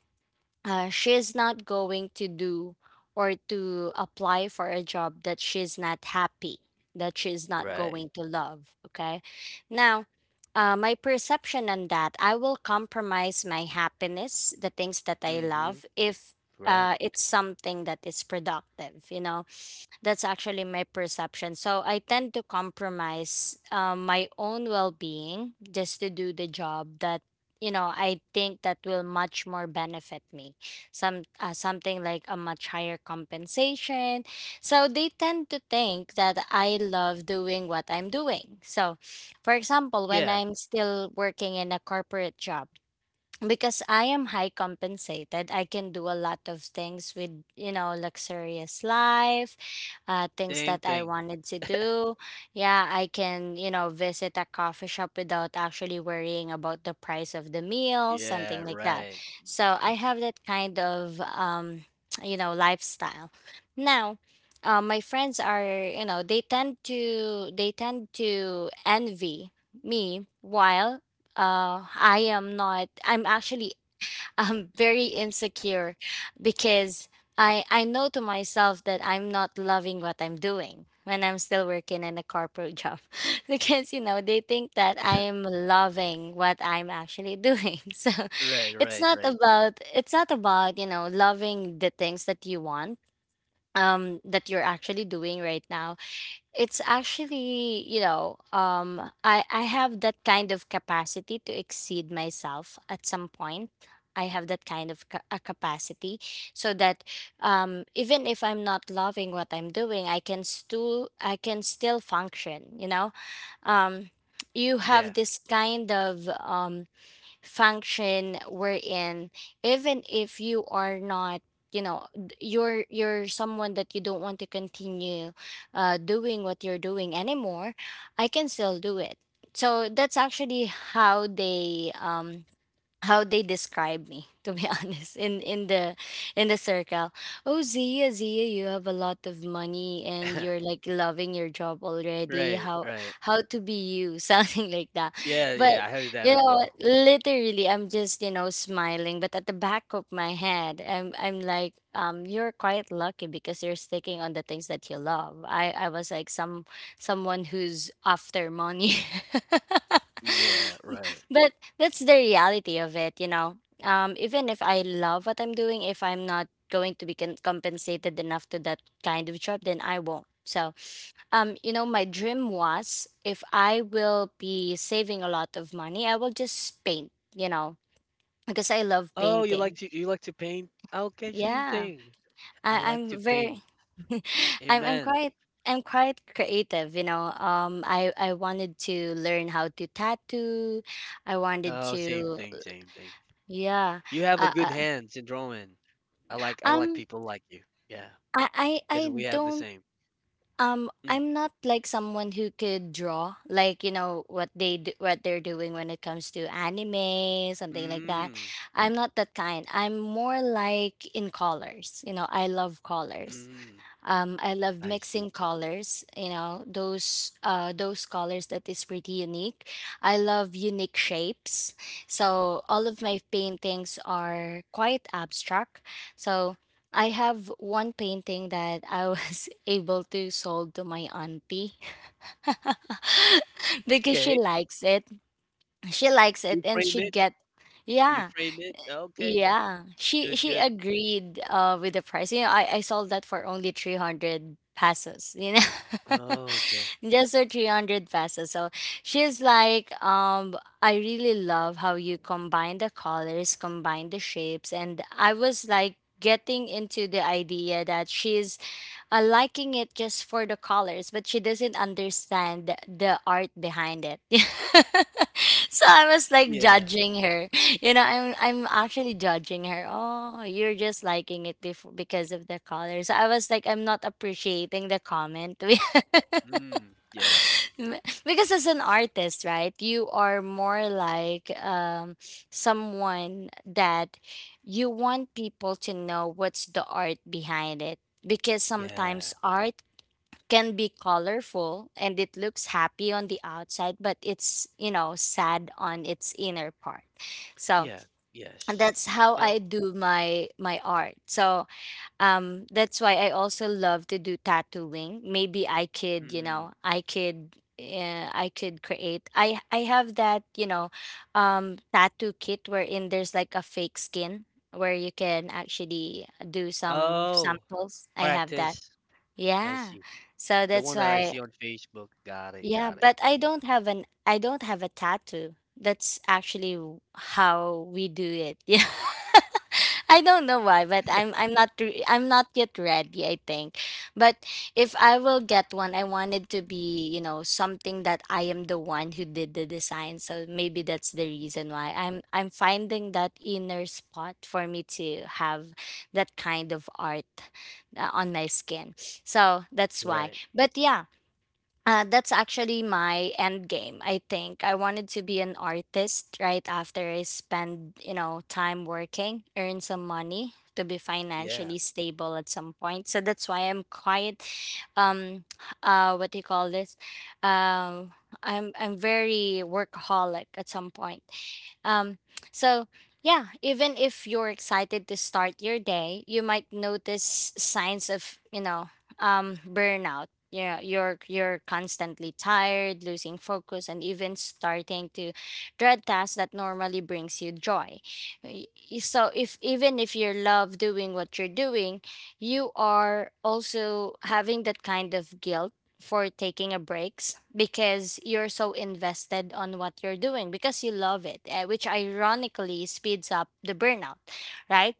S2: she's not going to do or to apply for a job that she's not happy, that she's not
S1: right.
S2: going to love. Okay. Now, my perception on that, I will compromise my happiness, the things that I
S1: Mm-hmm.
S2: love, if
S1: Right.
S2: it's something that is productive, that's actually my perception. So I tend to compromise my own well-being just to do the job that I think that will much more benefit me. Something like a much higher compensation. So they tend to think that I love doing what I'm doing. So, for example, when
S1: Yeah,
S2: I'm still working in a corporate job, because I am high compensated, I can do a lot of things with, you know, luxurious life, things
S1: same
S2: that I
S1: thing.
S2: wanted to do. Yeah, I can, you know, visit a coffee shop without actually worrying about the price of the meal,
S1: Yeah,
S2: something like that.
S1: right.
S2: So I have that kind of, [TSK] you know, lifestyle. Now, my friends are, you know, they tend to envy me while I am not. I'm actually, [LAUGHS] I'm very insecure because I know to myself that I'm not loving what I'm doing when I'm still working in a corporate job. [LAUGHS] Because you know, they think that I am
S1: [LAUGHS]
S2: loving what I'm actually doing. [LAUGHS] So
S1: Right,
S2: it's
S1: right,
S2: not
S1: right.
S2: about it's not about you know, loving the things that you want, that you're actually doing right now. It's actually, you know, I have that kind of capacity to exceed myself at some point. I have that kind of a capacity, so that even if I'm not loving what I'm doing, I can still function. You know, um, you
S1: Yeah.
S2: have this kind of function wherein even if you are not, you know, you're someone that you don't want to continue doing what you're doing anymore. I can still do it. So that's actually how they describe me to be, [LAUGHS] honest, in the circle. Oh, Zia, you have a lot of money and you're
S1: [LAUGHS]
S2: like loving your job already.
S1: Right,
S2: how
S1: right.
S2: how to be you? [LAUGHS] Something like that.
S1: Yeah, yeah,
S2: But
S1: I heard that
S2: you
S1: as
S2: know,
S1: well.
S2: literally I'm just, you know, smiling, but at the back of my head, I'm like, you're quite lucky because you're sticking on the things that you love. I was like, someone who's after money. [LAUGHS]
S1: Yeah, right.
S2: [LAUGHS] But that's the reality of it, you know. Even if I love what I'm doing, if I'm not going to be compensated enough to that kind of job, then I won't. So, you know, my dream was, if I will be saving a lot of money, I will just paint, you know, because I love
S1: Oh, you like
S2: painting.
S1: to paint? Okay, same
S2: Yeah,
S1: thing. I
S2: I,
S1: like to
S2: I'm very,
S1: paint.
S2: [LAUGHS] I'm
S1: Amen.
S2: quite. I'm quite creative, you know. I wanted to learn how to tattoo. I wanted
S1: Oh, same
S2: to,
S1: thing, same thing.
S2: yeah.
S1: You have a
S2: Uh,
S1: good
S2: uh,
S1: hand in drawing. I like
S2: Um,
S1: people like you. Yeah,
S2: I
S1: because we have the
S2: don't,
S1: same. Mm.
S2: I'm not like someone who could draw like, you know, what they do, what they're doing when it comes to anime, something like that.
S1: Mm.
S2: I'm not that kind. I'm more like in colors. You know, I love colors.
S1: Mm.
S2: I love
S1: I see.
S2: mixing colors, you know, those colors that is pretty unique. I love unique shapes. So all of my paintings are quite abstract. So I have one painting that I was [LAUGHS] able to sold to my auntie [LAUGHS] because she
S1: Okay.
S2: likes it. She likes it
S1: You
S2: and
S1: frame
S2: she
S1: it.
S2: get.
S1: You
S2: yeah
S1: frame it. Okay.
S2: yeah, she
S1: Good,
S2: she
S1: good.
S2: agreed with the price. You know, I sold that for only 300 pesos, you know.
S1: Okay.
S2: [LAUGHS] Just for 300 pesos. So she's like, I really love how you combine the colors, combine the shapes, and I was like getting into the idea that she's liking it just for the colors, but she doesn't understand the art behind it. [LAUGHS] So I was like
S1: Yeah.
S2: judging her. You know, I'm actually judging her. Oh, you're just liking it before because of the colors. So I was like, I'm not appreciating the comment.
S1: Mm. Yeah.
S2: [LAUGHS] Because as an artist, right, you are more like someone that you want people to know what's the art behind it, because
S1: Yeah.
S2: sometimes art can be colorful and it looks happy on the outside, but it's, you know, sad on its inner part. So
S1: Yeah. Yes.
S2: that's how
S1: You
S2: I
S1: know.
S2: do my art. So, that's why I also love to do tattooing. Maybe I could, you
S1: Mm.
S2: know, I could, I could create. I have that, you know, tattoo kit wherein there's like a fake skin where you can actually do some
S1: Oh,
S2: samples. I have that.
S1: practice. I
S2: Yeah.
S1: see.
S2: So
S1: The
S2: that's
S1: one that I
S2: why.
S1: see on Facebook. Got it.
S2: Yeah,
S1: Got it.
S2: but I don't have a tattoo. That's actually how we do it. [LAUGHS] Yeah. I don't know why, but I'm not yet ready, I think. But if I will get one, I wanted to be, you know, something that I am the one who did the design. So maybe that's the reason why I'm finding that inner spot for me to have that kind of art, on my skin. So that's why.
S1: Right.
S2: But yeah, that's actually my end game. I think I wanted to be an artist right after I spend, you know, time working, earn some money to be
S1: Yeah.
S2: financially stable at some point. So that's why I'm quite, um, what do you call this? Um, I'm very workaholic at some point. Um, so yeah, even if you're excited to start your day, you might notice signs of, you know, burnout. Yeah, you're constantly tired, losing focus, and even starting to dread tasks that normally brings you joy. Y- So if even if you love doing what you're doing, you are also having that kind of guilt for taking a breaks because you're so invested on what you're doing because you love it, eh, which ironically speeds up the burnout, right?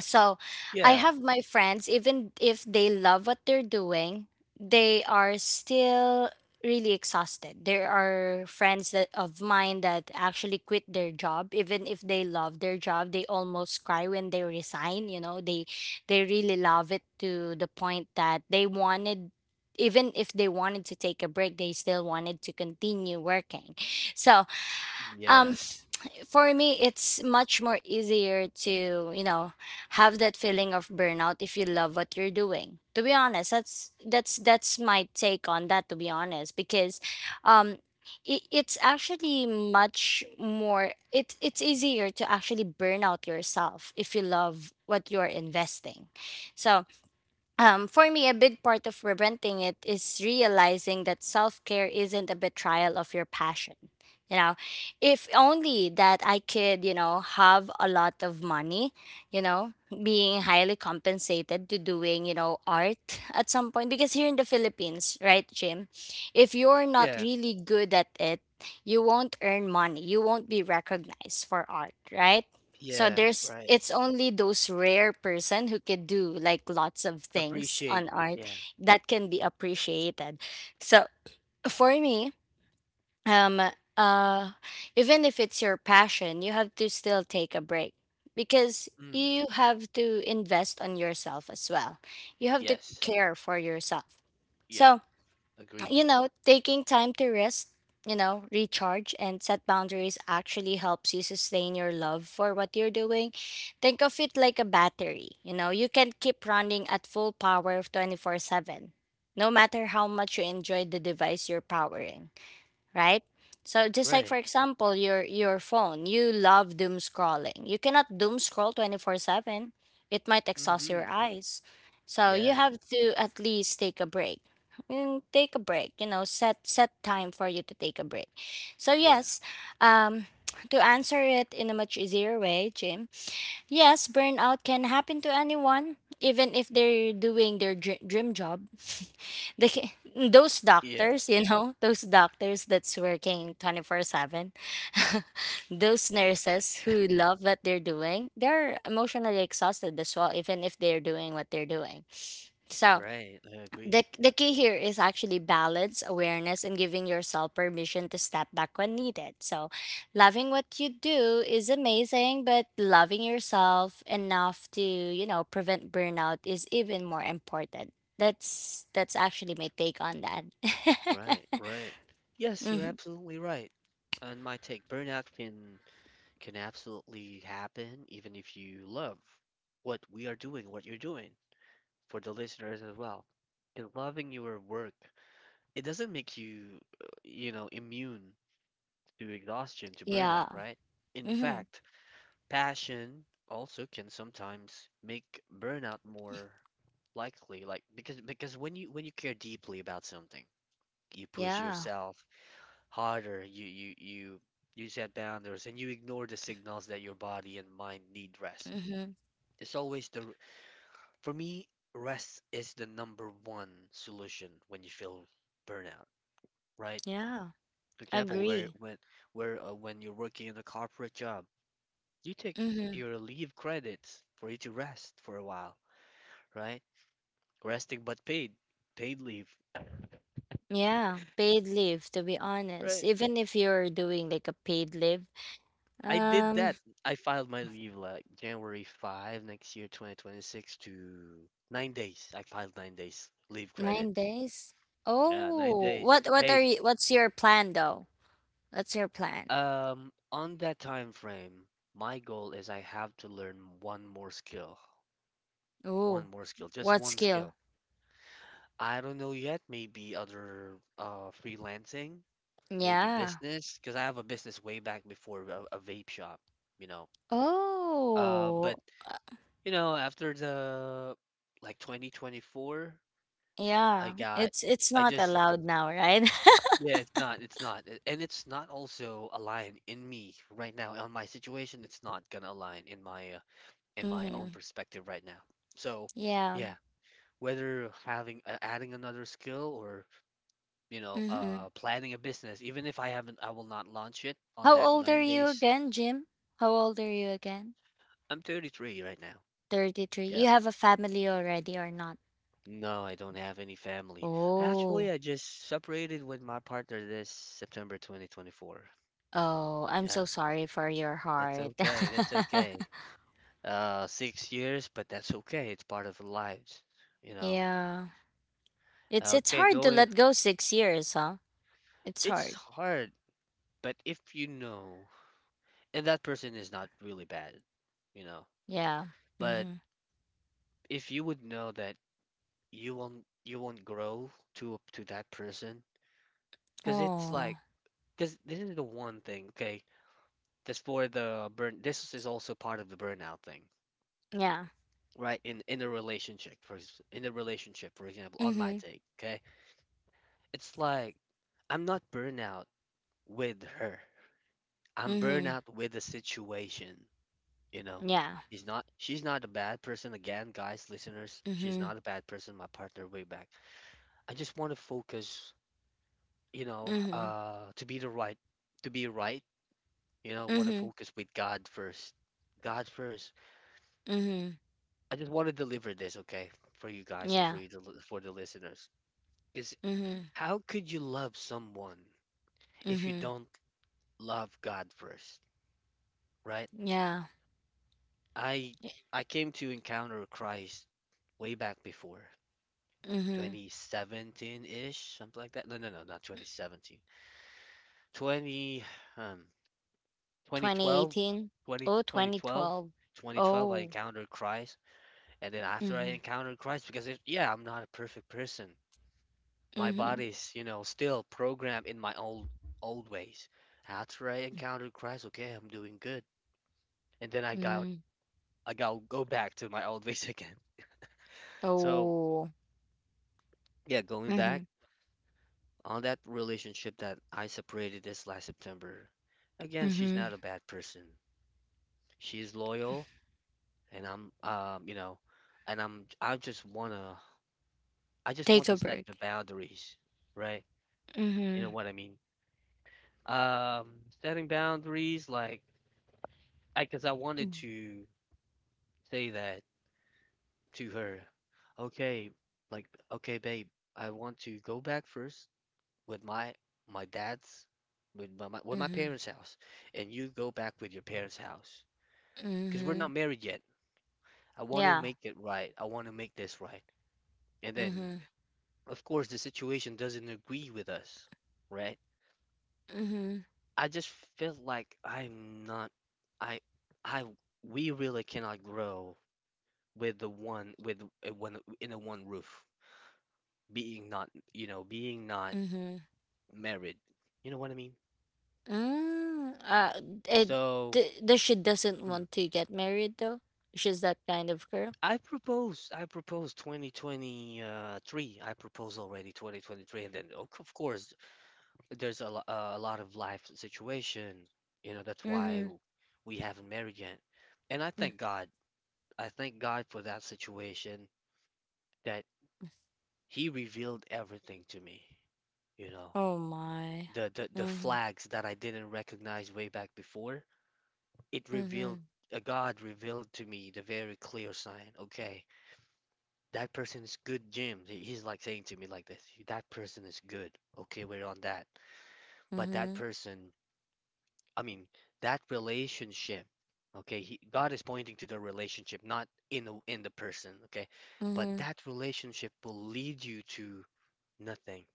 S2: So I
S1: Yeah.
S2: have my friends, even if they love what they're doing, they are still really exhausted. There are friends that of mine that actually quit their job even if they love their job. They almost cry when they resign, you know. They really love it to the point that they wanted, even if they wanted to take a break, they still wanted to continue working. So, um
S1: Yes.
S2: for me, it's much more easier to, you know, have that feeling of burnout if you love what you're doing, to be honest. That's my take on that, to be honest, because um it's actually much more, it's easier to actually burn out yourself if you love what you're investing. So, For me, a big part of preventing it is realizing that self care isn't a betrayal of your passion. You know, if only that I could, you know, have a lot of money, you know, being highly compensated to doing, you know, art at some point. Because here in the Philippines, right, Jim, if you're not
S1: Yeah.
S2: really good at it, you won't earn money. You won't be recognized for art, right? So
S1: Yeah.
S2: there's
S1: Right.
S2: it's only those rare person who could do like lots of things
S1: Appreciate.
S2: on art
S1: Yeah.
S2: that can be appreciated. So for me, um uh even if it's your passion, you have to still take a break because
S1: Mm.
S2: you have to invest on yourself as well. You have to
S1: Yes.
S2: care for yourself.
S1: Yeah.
S2: So,
S1: Agree.
S2: you know, taking time to rest, you know, recharge and set boundaries actually helps you sustain your love for what you're doing. Think of it like a battery, you know, you can keep running at full power 24/7, no matter how much you enjoy the device you're powering, right? So just like, for
S1: Right.
S2: example, your phone, you love doom scrolling. You cannot doom scroll 24/7. It might exhaust your
S1: Mm-hmm.
S2: eyes. So you
S1: Yeah.
S2: have to at least take a break. Mm, take a break, you know, set time for you to take a break. So
S1: Yeah.
S2: yes, um to answer it in a much easier way, Jim. Yes, burnout can happen to anyone, even if they're doing their dream job. [LAUGHS] Those
S1: Yeah.
S2: doctors, you know, [LAUGHS] those doctors that's working 24/7, [LAUGHS] those nurses who love what they're doing, they're emotionally exhausted as well, even if they're doing what they're doing. So,
S1: Right. I agree.
S2: the key here is actually balance, awareness, and giving yourself permission to step back when needed. So, loving what you do is amazing, but loving yourself enough to, you know, prevent burnout is even more important. That's actually my take on that.
S1: Right. Right.
S2: [LAUGHS]
S1: Yes, you're
S2: Hmm.
S1: absolutely right. And my take, burnout can absolutely happen even if you love what we are doing, what you're doing for the listeners as well. Because loving your work, it doesn't make you, immune to exhaustion, to burnout,
S2: Yeah.
S1: right? In
S2: Hmm.
S1: fact, passion also can sometimes make burnout more likely, like because when you care deeply about something, you push
S2: Yeah.
S1: yourself harder, you set boundaries and you ignore the signals that your body and mind need rest.
S2: Hmm.
S1: It's always the For me, rest is the number one solution when you feel burnout, right?
S2: Yeah.
S1: For example,
S2: Agree.
S1: where when you're working in a corporate job, you take
S2: Hmm.
S1: your leave credits for you to rest for a while, right? Resting but paid leave,
S2: Yeah. Paid leave, to be honest.
S1: right?
S2: Even if you're doing like a paid leave,
S1: I did
S2: um.
S1: that. I filed my leave like January 5 next year, 2026 to 9 days. I filed 9 days leave credit.
S2: 9 days?
S1: Yeah, nine
S2: Oh,
S1: days
S2: what are
S1: paid.
S2: you, what's your plan though? What's your plan?
S1: On that time frame, my goal is I have to learn one
S2: Oh,
S1: more skill, just
S2: what
S1: one skill.
S2: skill?
S1: I don't know yet, maybe other freelancing, maybe
S2: Yeah.
S1: business, because I have a business way back before a vape shop, you know.
S2: Oh,
S1: But
S2: uh,
S1: after the like 2024, I
S2: yeah.
S1: got,
S2: It's
S1: I
S2: not
S1: just,
S2: allowed now, right? [LAUGHS]
S1: yeah, it's not, a- and it's not also aligned in me right now on my situation. It's not gonna align in my own
S2: Mm-hmm.
S1: perspective right now. So,
S2: Yeah.
S1: yeah, whether having adding another skill or
S2: Mm-hmm.
S1: planning a business, even if I haven't, I will not launch it on
S2: How
S1: that
S2: old are
S1: nine
S2: you
S1: days.
S2: again, Jim? How old are you again?
S1: I'm 33 right now.
S2: 33.
S1: Yeah.
S2: You have a family already or not?
S1: No, I don't have any family.
S2: Oh.
S1: Actually, I just separated with my partner this September 2024.
S2: Oh, I'm
S1: Yeah,
S2: so sorry for your
S1: that's
S2: heart.
S1: okay. That's okay.
S2: [LAUGHS]
S1: 6 years, but that's okay. It's part of lives, you know.
S2: Yeah. It's
S1: Okay,
S2: hard to
S1: going.
S2: let go 6 years, huh? It's
S1: It's
S2: hard.
S1: hard, but if you know, and that person is not really bad, you know.
S2: Yeah.
S1: But
S2: Mm-hmm.
S1: if you would know that you won't grow to up to that person, because it's
S2: Oh.
S1: like, because this is the one thing. Okay, that's for the burn. This is also part of the burnout thing,
S2: Yeah.
S1: right? In a relationship, for example, on my
S2: Mm-hmm.
S1: take, okay? It's like I'm not burnout with her. I'm
S2: Mm-hmm.
S1: burnout with the situation, you know.
S2: Yeah.
S1: He's not, She's not a bad person. Again, guys, listeners, she's
S2: Mm-hmm.
S1: not a bad person, my partner way back. I just want to focus,
S2: Mm-hmm.
S1: to be to be right, want to
S2: Mm-hmm.
S1: focus with God first. God first.
S2: Mm-hmm.
S1: I just want to deliver this, okay, for you guys and for
S2: Yeah.
S1: you to, li- for the listeners. Is
S2: Mm-hmm.
S1: how could you love someone if you
S2: Mm-hmm.
S1: don't love God first, right?
S2: Yeah.
S1: I I came to encounter Christ way back before
S2: Mm-hmm.
S1: 2017-ish, something like that. No, no, no, not 2017. 20 um 2012,
S2: 2018.
S1: 20
S2: Oh, twenty
S1: 2012.
S2: twelve.
S1: 2012 I
S2: Oh.
S1: encountered Christ and then after I
S2: Mm-hmm.
S1: encountered Christ yeah, I'm not a perfect person. My
S2: Mm-hmm.
S1: body's still programmed in my old ways. After I encountered Christ, okay, I'm doing good. And then I got
S2: Mm-hmm.
S1: I got go back to my old ways [LAUGHS] again. So
S2: Oh.
S1: yeah, going
S2: Mm-hmm.
S1: back on that relationship that I separated this last September. Again, she's
S2: Mm-hmm.
S1: not a bad person. She's loyal, and I'm um, you know, and I'm I just wanna I just
S2: Take
S1: want
S2: a
S1: to set
S2: break.
S1: the boundaries, right? You know
S2: Mm-hmm.
S1: what I mean? Um, Setting boundaries like I because I wanted to say that to her, okay, like, okay, babe, I want to go back first with my my dad's with my, my with my
S2: Mm-hmm.
S1: parents' house, and you go back with your parents' house, because we're
S2: Mm-hmm.
S1: not married yet. I want to
S2: Yeah.
S1: make it right. I want to make this right. And then,
S2: Mm-hmm.
S1: of course, the situation doesn't agree with us, right?
S2: Mm-hmm.
S1: I just feel like I'm not. I I we really cannot grow with the one with one in the one roof, being not, being not
S2: Mm-hmm.
S1: married. You know what I mean?
S2: Mm. uh, it,
S1: So
S2: th- the she doesn't
S1: mm,
S2: want to get married though. She's that kind of girl.
S1: I proposed 2023. I proposed already 2023, and then of course there's a lot of life situation. You know, that's why
S2: Mm-hmm.
S1: we haven't married yet. And I
S2: mm,
S1: thank God. I thank God for that situation that He revealed everything to me. You know,
S2: Oh my.
S1: the
S2: Mm-hmm.
S1: flags that I didn't recognize way back before it
S2: Mm-hmm.
S1: revealed a God revealed to me the very clear sign. Okay, that person is good, Jim. He's like saying to me like this, that person is good. Okay, we're on that. But that
S2: Mm-hmm.
S1: person, I mean, that relationship, okay, God is pointing to the relationship, not in the person, okay? But
S2: Mm-hmm.
S1: that relationship will lead you to nothing,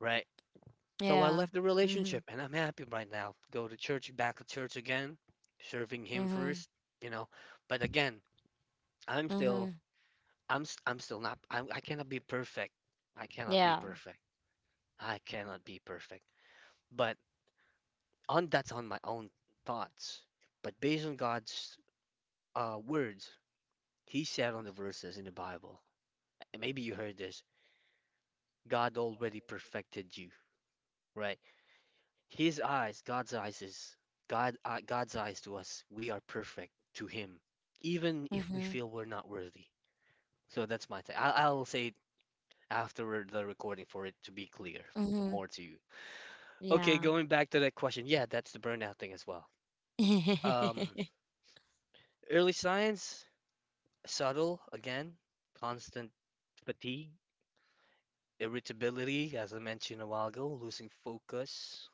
S1: right? So I
S2: Yeah.
S1: left the
S2: Mm-hmm.
S1: relationship and I'm happy right now. Go to church, back to church again, serving him
S2: Mm-hmm.
S1: first, you know. But again, I'm still
S2: Mm-hmm.
S1: I'm s- I'm still not I'm, I cannot be perfect. I cannot be
S2: Yeah.
S1: perfect. I cannot be perfect. But on that's on my own thoughts. But based on God's words, He said on the verses in the Bible. And maybe you heard this. God already perfected you, right? His eyes, God's eyes is God. God's eyes to us, we are perfect to Him, even if we
S2: Mm-hmm.
S1: feel we're not worthy. So that's my take. I'll say after the recording for it to be clear
S2: Mm-hmm.
S1: more to you. Okay,
S2: Yeah.
S1: going back to that question. Yeah, that's the burnout thing as well.
S2: [LAUGHS]
S1: Um, Early signs, subtle again, constant fatigue, irritability, as I mentioned a while ago, losing focus.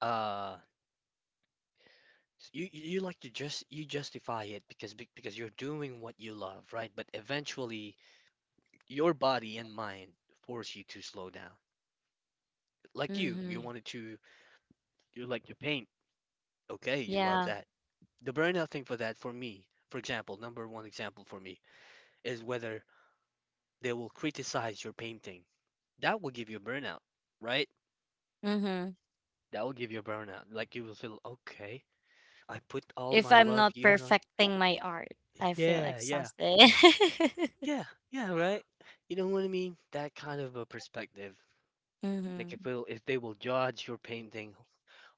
S1: Uh, you like to just you justify it because you're doing what you love, right? But eventually, your body and mind force you to slow down. Like you,
S2: Mm-hmm.
S1: you wanted to you like to paint. Okay, you love
S2: Yeah.
S1: that. The burnout thing for that, for me, for example, number one example for me is whether they will criticize your painting. That will give you a burnout, right?
S2: Mm-hmm.
S1: That will give you a burnout. Like you will feel, okay, I put all
S2: If
S1: my
S2: I'm
S1: love
S2: not
S1: here on.
S2: perfecting my art, I feel
S1: Yeah, yeah,
S2: exhausted. [LAUGHS]
S1: yeah, yeah, right? You know what I mean? That kind of a perspective. Like
S2: Mm-hmm.
S1: if they will judge your painting,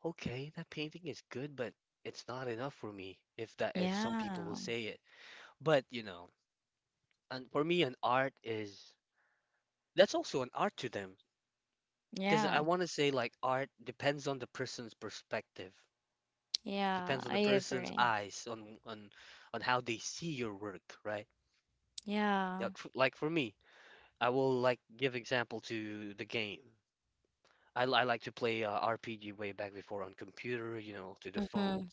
S1: okay, that painting is good, but it's not enough for me. If some people will
S2: Yeah.
S1: say it, but and for me, an art is that's also an art to them. Because I
S2: Yeah.
S1: want to say, like, art depends on the person's perspective,
S2: Yeah,
S1: depends on the
S2: I
S1: person's
S2: agree.
S1: eyes, on how they see your work, right? Yeah,
S2: Yeah.
S1: like for me, I will like give example to the game. I like to play RPG way back before on computer, to the phone.
S2: Mhm.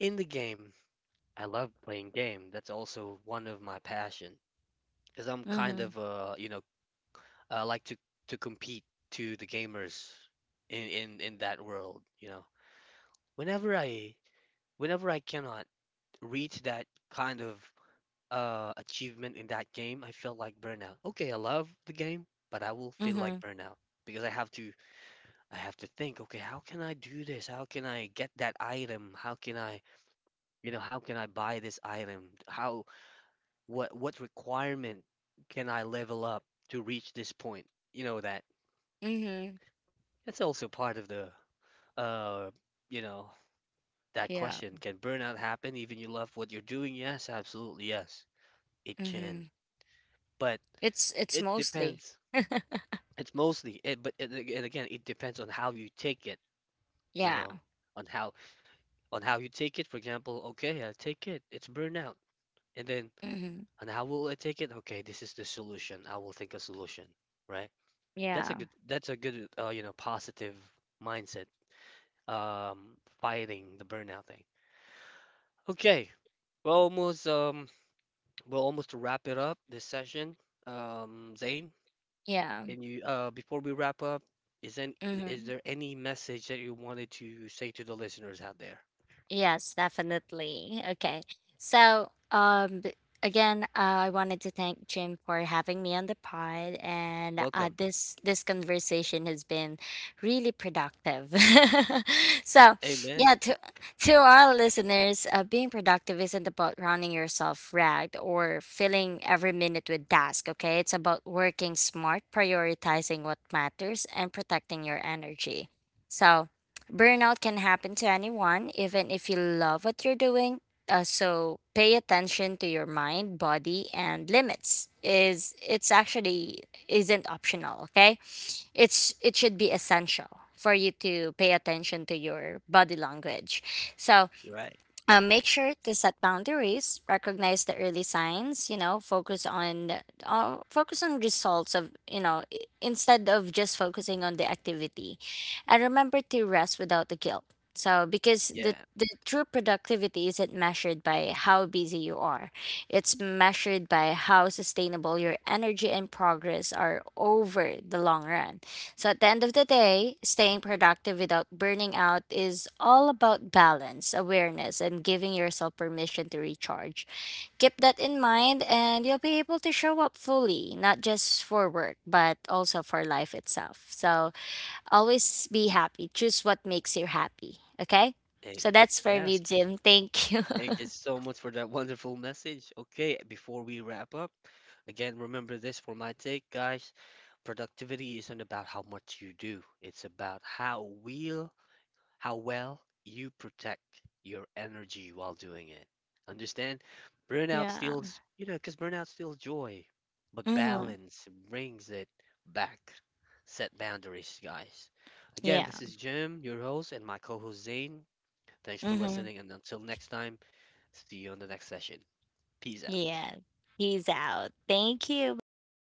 S1: In the game, I love playing game. That's also one of my passion because I'm kind
S2: Mhm.
S1: of I like to compete to the gamers in that world. whenever I whenever I cannot reach that kind of achievement in that game, I feel like burnout. Okay, I love the game, but I will feel like
S2: Mhm.
S1: burnout because I have to think, okay, how can I do this? How can I get that item? How can I how can I buy this item? How what requirement can I level up to reach this point? You know that.
S2: Mhm.
S1: That's also part of the uh you know That
S2: Yeah.
S1: question, can burnout happen even you love what you're doing? Yes, absolutely yes. It can.
S2: Mhm.
S1: But
S2: It's
S1: it
S2: mostly.
S1: depends.
S2: [LAUGHS]
S1: It's mostly it but it, And again, it depends on how you take it, you
S2: Yeah.
S1: know, on how on how you take it. For example, okay, I take it. It's burnout. And then
S2: Mhm.
S1: on how will I take it? Okay, this is the solution. I will think a solution, right? That's a
S2: Yeah.
S1: good that's a good positive mindset um fighting the burnout thing. Okay. We're almost, well, almost to wrap it up this session, Zane,
S2: Yeah.
S1: can you before we wrap up, is any, is
S2: Mhm.
S1: there any message that you wanted to say to the listeners out there?
S2: Yes, definitely. Okay. So, again, I wanted to thank Jim for having me on the pod, and
S1: Welcome.
S2: this conversation has been really productive. [LAUGHS] So,
S1: Amen.
S2: yeah, to our listeners, being productive isn't about running yourself ragged or filling every minute with tasks. Okay, it's about working smart, prioritizing what matters, and protecting your energy. So. Burnout can happen to anyone, even if you love what you're doing. So pay attention to your mind, body, and limits. Is It's actually isn't optional. Okay, it should be essential for you to pay attention to your body language. So,
S1: Right.
S2: make sure to set boundaries, recognize the early signs, you know, focus on results of, you know, instead of just focusing on the activity, and remember to rest without the guilt. So, because the
S1: Yeah.
S2: the true productivity isn't measured by how busy you are, it's measured by how sustainable your energy and progress are over the long run. So at the end of the day, staying productive without burning out is all about balance, awareness, and giving yourself permission to recharge. Keep that in mind, and you'll be able to show up fully, not just for work, but also for life itself. So always be happy. Choose what makes you happy. Okay? So
S1: Amen.
S2: that's for me,
S1: Yes.
S2: Jim. Thank you. [LAUGHS]
S1: Thank you so much for that wonderful message. Okay, before we wrap up, again, remember this for my take, guys. Productivity isn't about how much you do. It's about how well you protect your energy while doing it. Understand? Burnout
S2: Yeah.
S1: steals, you know, because burnout steals joy, but
S2: Mm-hmm.
S1: balance brings it back. Set boundaries, guys. Again,
S2: Yeah.
S1: this is Jim, your host, and my co host Zane. Thanks for
S2: Mm-hmm.
S1: listening, and until next time, see you on the next session. Peace out.
S2: Yeah. He's out. Thank you. Bye bye.